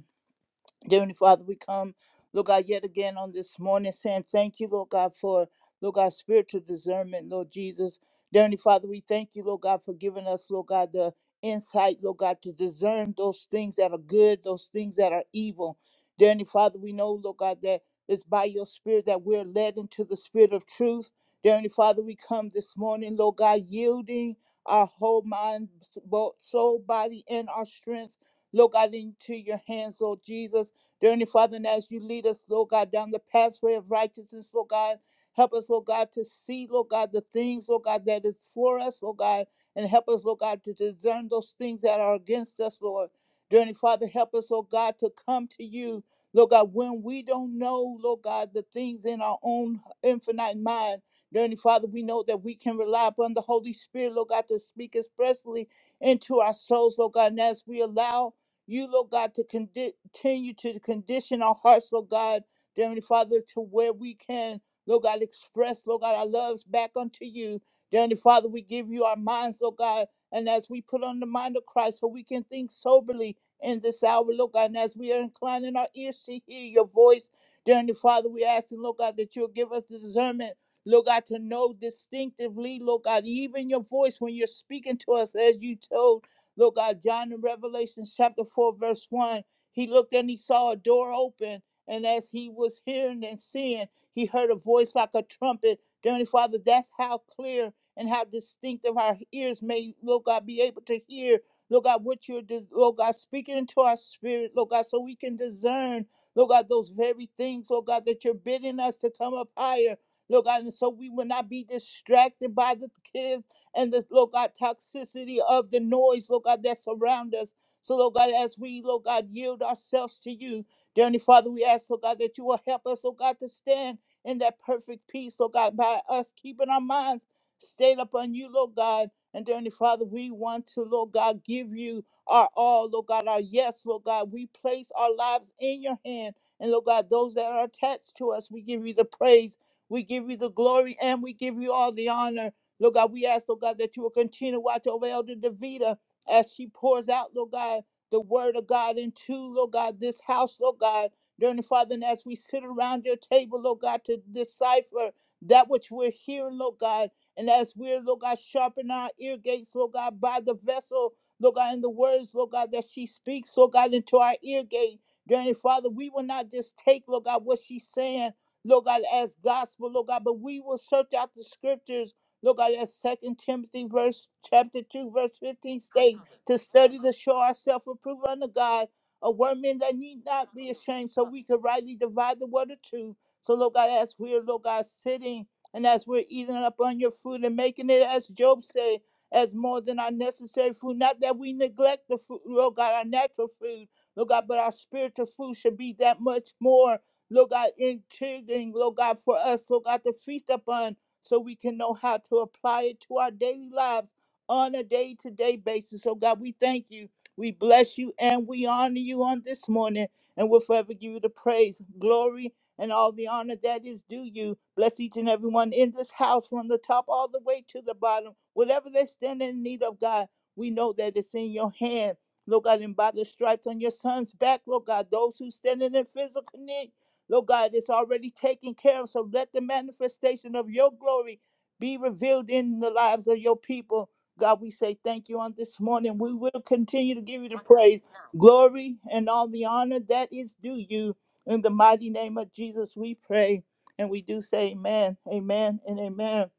F: Dear Heavenly Father, we come, Lord God, yet again on this morning saying thank you, Lord God, for, Lord God, spiritual discernment, Lord Jesus. Dear Heavenly Father, we thank you, Lord God, for giving us, Lord God, the insight, Lord God, to discern those things that are good, those things that are evil. Dear Heavenly Father, we know, Lord God, that it's by your spirit that we're led into the spirit of truth. Dear Heavenly Father, we come this morning, Lord God, yielding our whole mind, both soul, body, and our strength. Lord God, into your hands, Lord Jesus. Dear Heavenly Father, and as you lead us, Lord God, down the pathway of righteousness, Lord God, help us, Lord God, to see, Lord God, the things, Lord God, that is for us, Lord God, and help us, Lord God, to discern those things that are against us, Lord. Dear Heavenly Father, help us, Lord God, to come to you, Lord God, when we don't know, Lord God, the things in our own infinite mind. Dear Heavenly Father, we know that we can rely upon the Holy Spirit, Lord God, to speak expressly into our souls, Lord God, and as we allow you, Lord God, to condi- continue to condition our hearts, Lord God, dear Heavenly Father, to where we can, Lord God, express, Lord God, our loves back unto you. Dear Heavenly Father, we give you our minds, Lord God, and as we put on the mind of Christ, so we can think soberly in this hour, Lord God, and as we are inclining our ears to hear your voice, dear Heavenly Father, we ask, Lord God, that you'll give us the discernment. Lord God, to know distinctively, Lord God, even your voice when you're speaking to us, as you told. Lord God, John in Revelation chapter 4, verse 1, he looked and he saw a door open. And as he was hearing and seeing, he heard a voice like a trumpet. Dearly Father, that's how clear and how distinctive our ears may, Lord God, be able to hear, Lord God, what you're, Lord God, speaking into our spirit, Lord God, so we can discern, Lord God, those very things, Lord God, that you're bidding us to come up higher, Lord God, and so we will not be distracted by the kids and the Lord God toxicity of the noise, Lord God, that surround us. So, Lord God, as we, Lord God, yield ourselves to you, dear Heavenly Father, we ask, Lord God, that you will help us, Lord God, to stand in that perfect peace, Lord God, by us keeping our minds stayed upon you, Lord God. And dear Heavenly Father, we want to, Lord God, give you our all, Lord God, our yes, Lord God. We place our lives in your hand. And Lord God, those that are attached to us, we give you the praise, we give you the glory, and we give you all the honor. Lord God, we ask, Lord God, that you will continue to watch over Elder Davida as she pours out, Lord God, the word of God into, Lord God, this house, Lord God. Dearly Father, and as we sit around your table, Lord God, to decipher that which we're hearing, Lord God, and as we're, Lord God, sharpen our ear gates, Lord God, by the vessel, Lord God, and the words, Lord God, that she speaks, Lord God, into our ear gate. Dearly Father, we will not just take, Lord God, what she's saying, Lord God, as gospel, Lord God, but we will search out the scriptures Look at that second Timothy verse chapter two, verse fifteen states to study to show ourselves approved unto God, a workman that need not be ashamed, so we can rightly divide the word of truth. So Lord God, as we're Lord God sitting and as we're eating up on your food and making it as Job said, as more than our necessary food. Not that we neglect the food, Lord God, our natural food, Lord God, but our spiritual food should be that much more Lord God, intriguing, Lord God, for us, Lord God, to feast upon so we can know how to apply it to our daily lives on a day to day basis. So, God, we thank you. We bless you and we honor you on this morning, and we'll forever give you the praise, glory, and all the honor that is due you. Bless each and everyone in this house from the top all the way to the bottom. Whatever they stand in need of, God, we know that it's in your hand. Lord God, and by the stripes on your son's back, Lord God, those who stand in physical need Lord God, it's already taken care of. So let the manifestation of your glory be revealed in the lives of your people. God, we say thank you on this morning. We will continue to give you the praise, glory, and all the honor that is due you. In the mighty name of Jesus, we pray. And we do say amen, amen, and amen.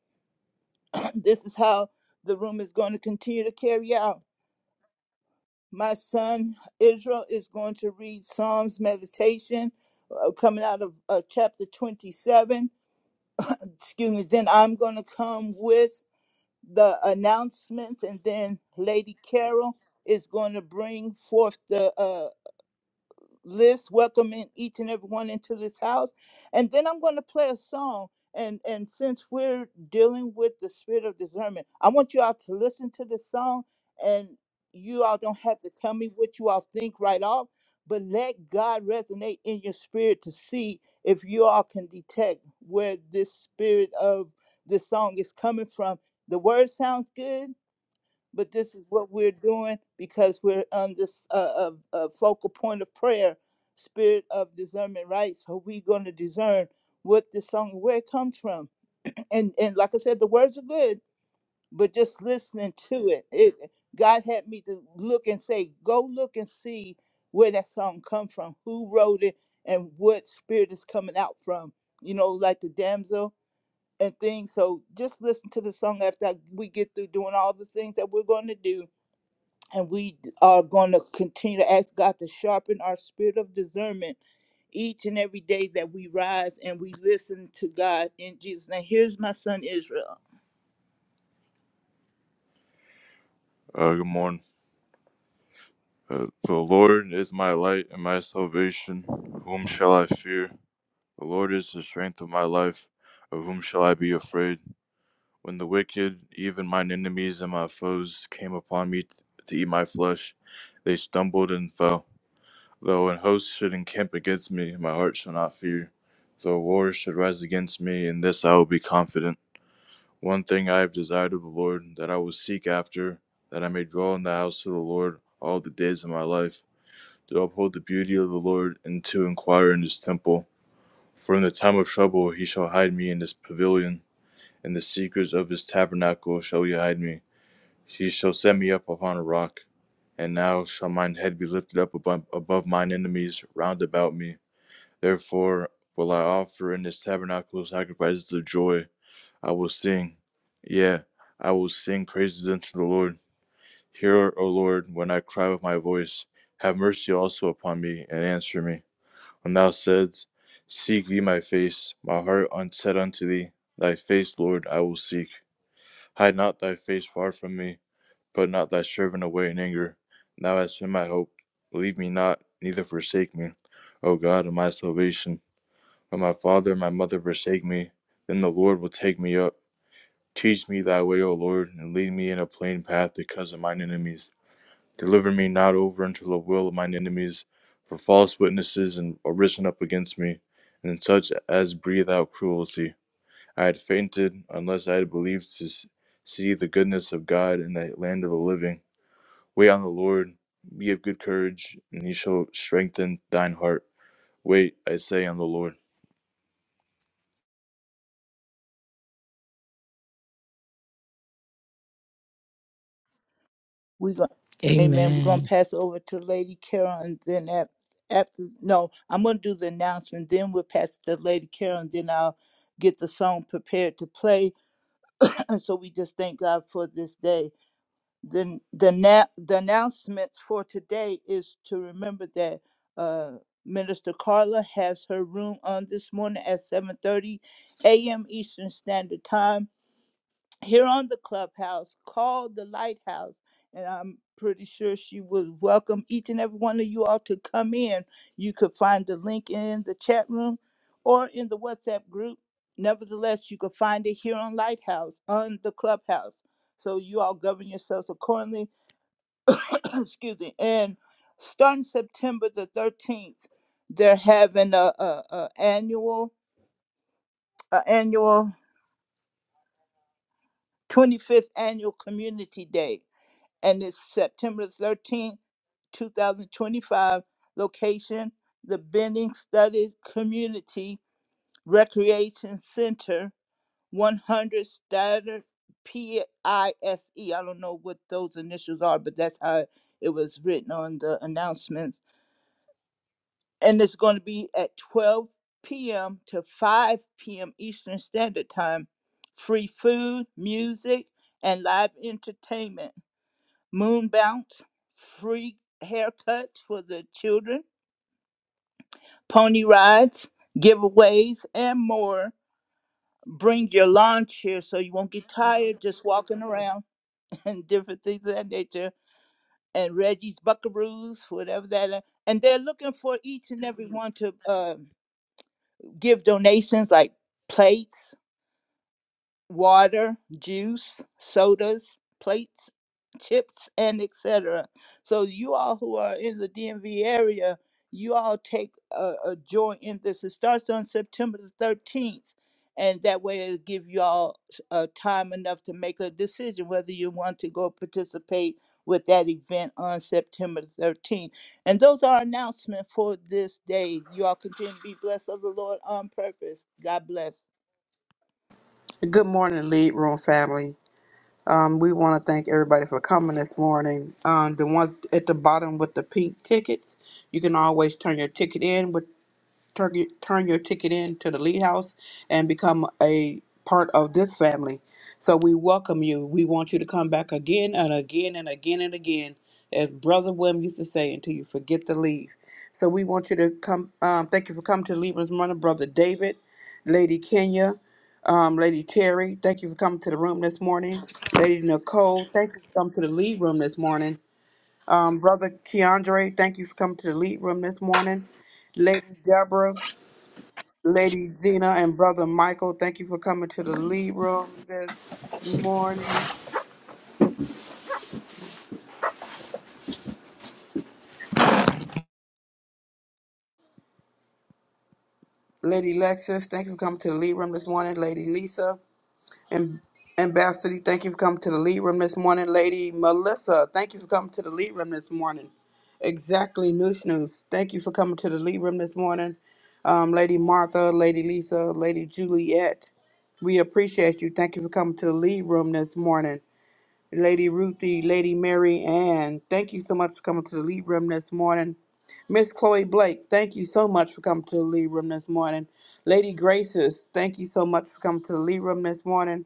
F: this is how the room is going to continue to carry out. My son Israel is going to read Psalms meditation uh, coming out of uh, chapter 27 excuse me, then I'm going to come with the announcements, and then Lady Carol is going to bring forth the uh, list welcoming each and everyone into this house and then i'm going to play a song and and since we're dealing with the spirit of discernment i want you all to listen to the song and you all don't have to tell me what you all think right off but let god resonate in your spirit to see if you all can detect where this spirit of this song is coming from the word sounds good but this is what we're doing because we're on this uh, uh, uh, focal point of prayer, spirit of discernment, right? So we're going to discern what this song, where it comes from, and and like I said, the words are good, but just listening to it, it God had me to look and say, go look and see where that song come from, who wrote it, and what spirit is coming out from, you know, like the damsel and things. So just listen to the song after I- we get through doing all the things that we're going to do and we are going to continue to ask God to sharpen our spirit of discernment each and every day that we rise and we listen to God in Jesus. Now, here's my son Israel. Uh, good morning. Uh, the Lord is my light and my salvation. Whom shall I fear? The Lord is the strength of my life. Of whom shall I be afraid? When the wicked, even mine enemies and my foes, came upon me t- to eat my flesh, they stumbled and fell. Though an host should encamp against me, my heart shall not fear. Though war should rise against me, in this I will be confident. One thing I have desired of the Lord, that I will seek after, that I may dwell in the house of the Lord all the days of my life, to uphold the beauty of the Lord, and to inquire in his temple. For in the time of trouble he shall hide me in his pavilion, in the secrets of his tabernacle shall he hide me. He shall set me up upon a rock. And now shall mine head be lifted up above, above mine enemies round about me. Therefore will I offer in this tabernacle sacrifices of joy. I will sing, yeah, I will sing praises unto the Lord. Hear, O Lord, when I cry with my voice. Have mercy also upon me, and answer me. When thou saidst, Seek ye my face, my heart un- said unto thee, Thy face, Lord, I will seek. Hide not thy face far from me, put not thy servant away in anger. Thou hast been my hope. Leave me not, neither forsake me, O God of my salvation. When my father and my mother forsake me, then the Lord will take me up. Teach me thy way, O Lord, and lead me in a plain path because of mine enemies. Deliver me not over unto the will of mine enemies, for false witnesses are risen up against me, and such as breathe out cruelty. I had fainted unless I had believed to see the goodness of God in the land of the living. Wait on the Lord, be of good courage, and he shall strengthen thine heart. Wait, I say, on the Lord. We're going Amen. We're gonna
B: Amen.
F: pass over to Lady Carol and then after, after no, I'm gonna do the announcement, then we'll pass it to Lady Carol and then I'll get the song prepared to play. so we just thank God for this day. Then the na- the announcements for today is to remember that uh Minister Carla has her room on this morning at 7:30 a.m. Eastern Standard Time here on the clubhouse called the lighthouse and i'm pretty sure she would welcome each and every one of you all to come in you could find the link in the chat room or in the whatsapp group nevertheless you could find it here on lighthouse on the clubhouse so you all govern yourselves accordingly excuse me and starting september the 13th they're having a, a, a annual a annual 25th annual community day and it's September 13th, 2025. Location the Bending Study Community Recreation Center, 100 Statter P I S E. I don't know what those initials are, but that's how it was written on the announcements. And it's going to be at 12 p.m. to 5 p.m. Eastern Standard Time. Free food, music, and live entertainment moon bounce, free haircuts for the children, pony rides, giveaways, and more. Bring your lawn chair so you won't get tired just walking around and different things of that nature. And Reggie's Buckaroos, whatever that. is. And they're looking for each and every one to uh, give donations like plates, water, juice, sodas, plates, chips, and etc. So you all who are in the DMV area, you all take a, a joy in this. It starts on September the 13th, and that way it'll give you all s- uh, time enough to make a decision whether you want to go participate with that event on September the 13th. And those are announcements for this day. You all continue to be blessed of the Lord on purpose. God bless.
D: Good morning, Lead Room family. Um, we want to thank everybody for coming this morning. Um, the ones at the bottom with the pink tickets, you can always turn your ticket in. turn, your- turn your ticket in to the Lee House and become a part of this family. So we welcome you. We want you to come back again and again and again and again, as Brother William used to say, until you forget to leave. So we want you to come. Um, thank you for coming to Libram's Morning, Brother David, Lady Kenya, um, Lady Terry. Thank you for coming to the room this morning. Lady Nicole, thank you for coming to the lead room this morning. Um, Brother Keandre, thank you for coming to the lead room this morning. Lady Deborah, Lady Zena and Brother Michael, thank you for coming to the lead room this morning. Lady Lexis, thank you for coming to the lead room this morning. Lady Lisa and Ambassador, thank you for coming to the lead room this morning. Lady Melissa, thank you for coming to the lead room this morning. Exactly, News News, thank you for coming to the lead room this morning. Um, Lady Martha, Lady Lisa, Lady Juliet, we appreciate you. Thank you for coming to the lead room this morning. Lady Ruthie, Lady Mary Ann. Thank you so much for coming to the lead room this morning. Miss Chloe Blake, thank you so much for coming to the lead room this morning. Lady Graces, thank you so much for coming to the lead room this morning.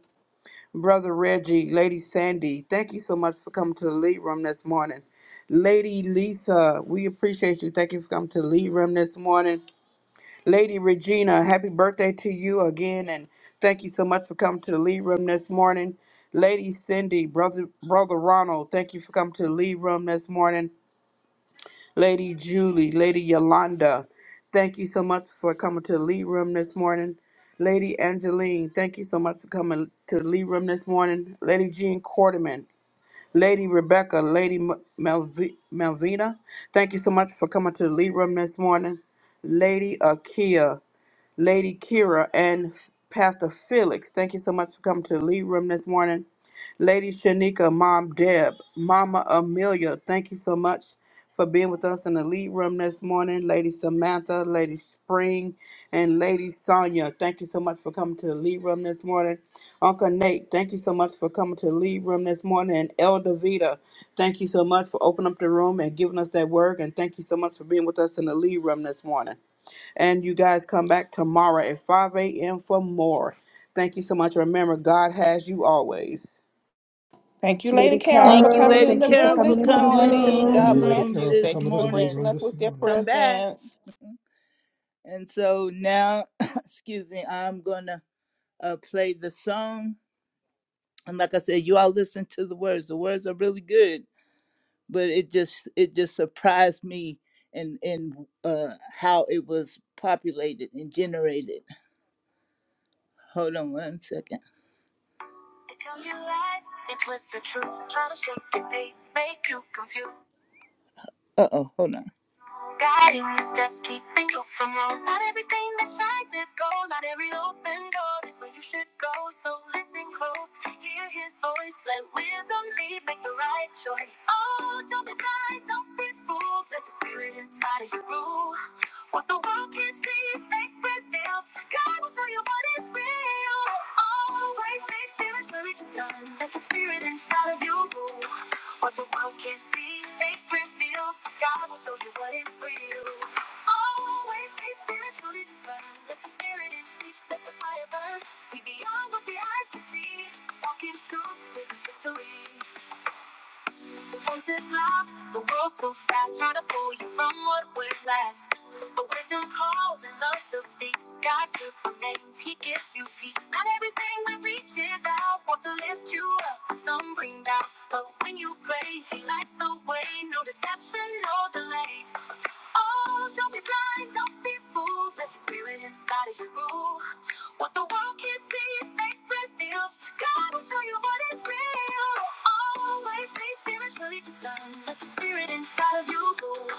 D: Brother Reggie, Lady Sandy, thank you so much for coming to the lead room this morning. Lady Lisa, we appreciate you. Thank you for coming to the lead room this morning. Lady Regina, happy birthday to you again, and thank you so much for coming to the lead room this morning. Lady Cindy, brother brother Ronald, thank you for coming to the lead room this morning. Lady Julie, Lady Yolanda, thank you so much for coming to the lead room this morning. Lady Angeline, thank you so much for coming to the lead room this morning. Lady Jean Quarterman, Lady Rebecca, Lady M- Malvi- Malvina, thank you so much for coming to the lead room this morning. Lady Akia. Lady Kira, and Pastor Felix. Thank you so much for coming to the lead room this morning. Lady Shanika, Mom Deb, Mama Amelia, thank you so much for being with us in the lead room this morning. Lady Samantha, Lady Spring, and Lady Sonia, thank you so much for coming to the lead room this morning. Uncle Nate, thank you so much for coming to the lead room this morning. And Elder Vita, thank you so much for opening up the room and giving us that word. And thank you so much for being with us in the lead room this morning. And you guys come back tomorrow at 5 a.m. for more. Thank you so much. Remember, God has you always.
G: Thank you, Lady
K: Lady
G: Carol, for
F: Thank you,
K: Carol,
G: coming
F: Lady
G: in
K: thank
G: the
K: you for
F: Carol,
G: room
F: for
K: coming
G: this
K: into the
F: coming into
G: morning.
E: Thank
F: this
G: God
E: you,
K: room.
E: Lady
G: bless
F: room
E: Carol,
G: you.
E: for
F: this
G: Thank you
E: coming to
G: for
E: the lead
F: morning.
G: gracing
E: room
G: us
E: this
G: with your
E: morning.
F: Come back.
G: presence.
F: And so now, excuse me, I'm going to uh, play the song. And like I said, you all listen to the words. The words are really good, but it just it just surprised me and and uh, how it was populated and generated. Hold on one second. Until you realize it was the truth. Try to shake the faith, make you confused. Uh oh, hold on. God in this desk, keeping you from wrong. Not everything that shines is gold. Not every open door is where you should go. So listen close, hear his voice. Let wisdom lead, make the right choice. Oh, don't be blind, don't be fooled. Let the spirit inside of you rule. What the world can't see, faith reveals. God will show you what is real. Always make spirits where it's sun. Let the spirit inside of you rule. What the world can't see, faith reveals God will show you what is real. Always be spiritually discerned. Let the spirit in teach, let the fire burn. See beyond what the eyes can see. Walk in truth with victory phones is locked. The world's so fast, trying to pull you from what was last. But wisdom calls and love still speaks. God's word remains, He gives you peace. Not everything that reaches out wants to lift you up. Some bring down, but when you pray, He lights the way. No deception, no delay. Oh, don't be blind, don't be fooled. Let the spirit inside of you rule. What the world can't see, faith reveals. God will show you what is real. Always be spiritually discerned. Let the spirit inside of you rule.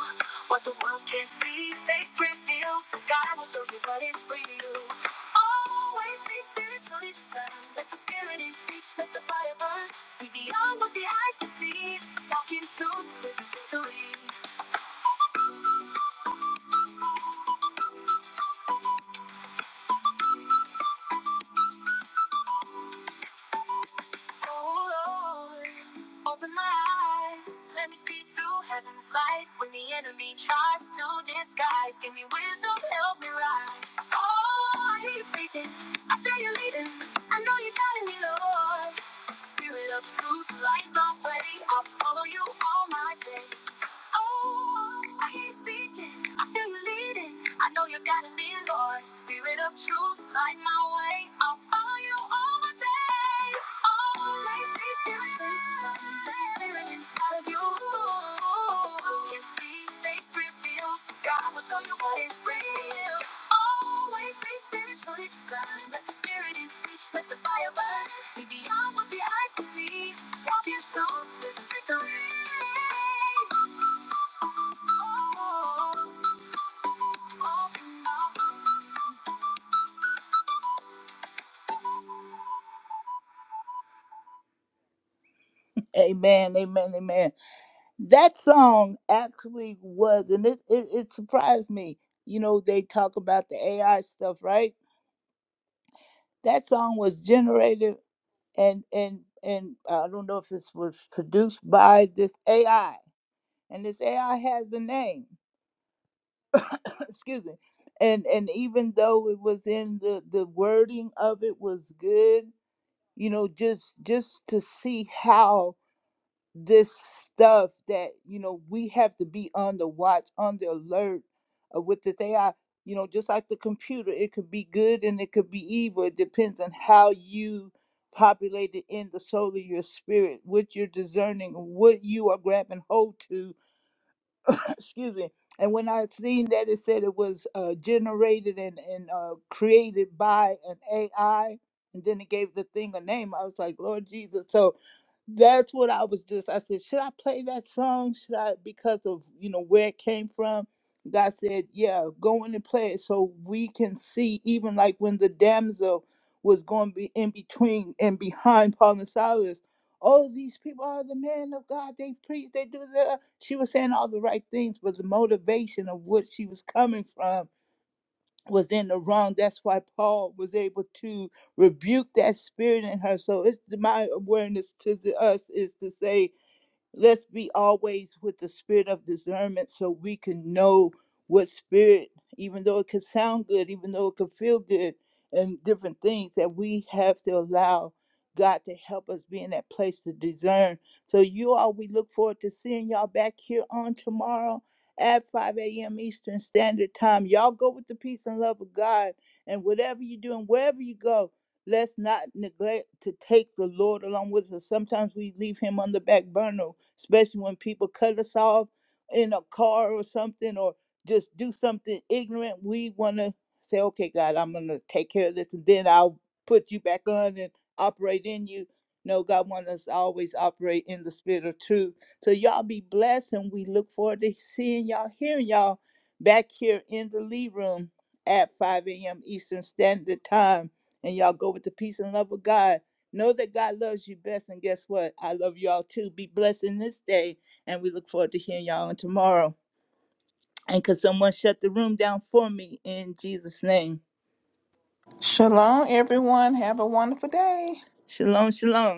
F: What the world can't see, faith reveals. God will show you what is real. Always be spiritually discerned. Let the spirit in teach. Let the fire burn. See beyond what the eyes can see. Walk in truth with victory. Oh Lord, open my eyes. Let me see through heaven's light. When the enemy tries to disguise, give me wisdom, help me rise. Oh, I hear you speaking. I feel you leading. I know you're guiding me, Lord. Spirit of truth, light my way. I'll follow you all my days. Oh, I hear you speaking. I feel you leading. I know you are guiding me, Lord. Spirit of truth, light my way. I'll follow you all my days. Amen, amen, amen. that song actually was, and it, it, it surprised me. You know, they talk about the AI stuff, right? That song was generated and and and I don't know if it was produced by this AI, and this AI has a name. Excuse me. And and even though it was in the the wording of it was good, you know, just just to see how this stuff that you know we have to be on the watch on the alert uh, with this ai you know just like the computer it could be good and it could be evil it depends on how you populate it in the soul of your spirit what you're discerning what you are grabbing hold to excuse me. And when I seen that, it said it was uh, generated and and uh, created by an AI, and then it gave the thing a name. I was like, Lord Jesus. So that's what I was just. I said, should I play that song? Should I because of you know where it came from? God said, yeah, go in and play it so we can see. Even like when the damsel was going be in between and behind Paul and Silas oh, these people are the men of God. They preach, they do that. She was saying all the right things, but the motivation of what she was coming from was in the wrong. That's why Paul was able to rebuke that spirit in her. So it's my awareness to the, us is to say Let's be always with the spirit of discernment so we can know what spirit, even though it could sound good, even though it could feel good, and different things that we have to allow God to help us be in that place to discern. So, you all, we look forward to seeing y'all back here on tomorrow at 5 a.m. Eastern Standard Time. Y'all go with the peace and love of God, and whatever you are doing, wherever you go, Let's not neglect to take the Lord along with us. Sometimes we leave him on the back burner, especially when people cut us off in a car or something or just do something ignorant. We want to say, okay, God, I'm going to take care of this and then I'll put you back on and operate in you. No, God wants us to always operate in the spirit of truth. So y'all be blessed and we look forward to seeing y'all, hearing y'all back here in the Lee Room at 5 a.m. Eastern Standard Time and y'all go with the peace and love of God. Know that God loves you best, and guess what? I love y'all too. Be blessed in this day, and we look forward to hearing y'all on tomorrow. And could someone shut the room down for me in Jesus' name?
G: Shalom, everyone. Have a wonderful day.
F: Shalom, shalom.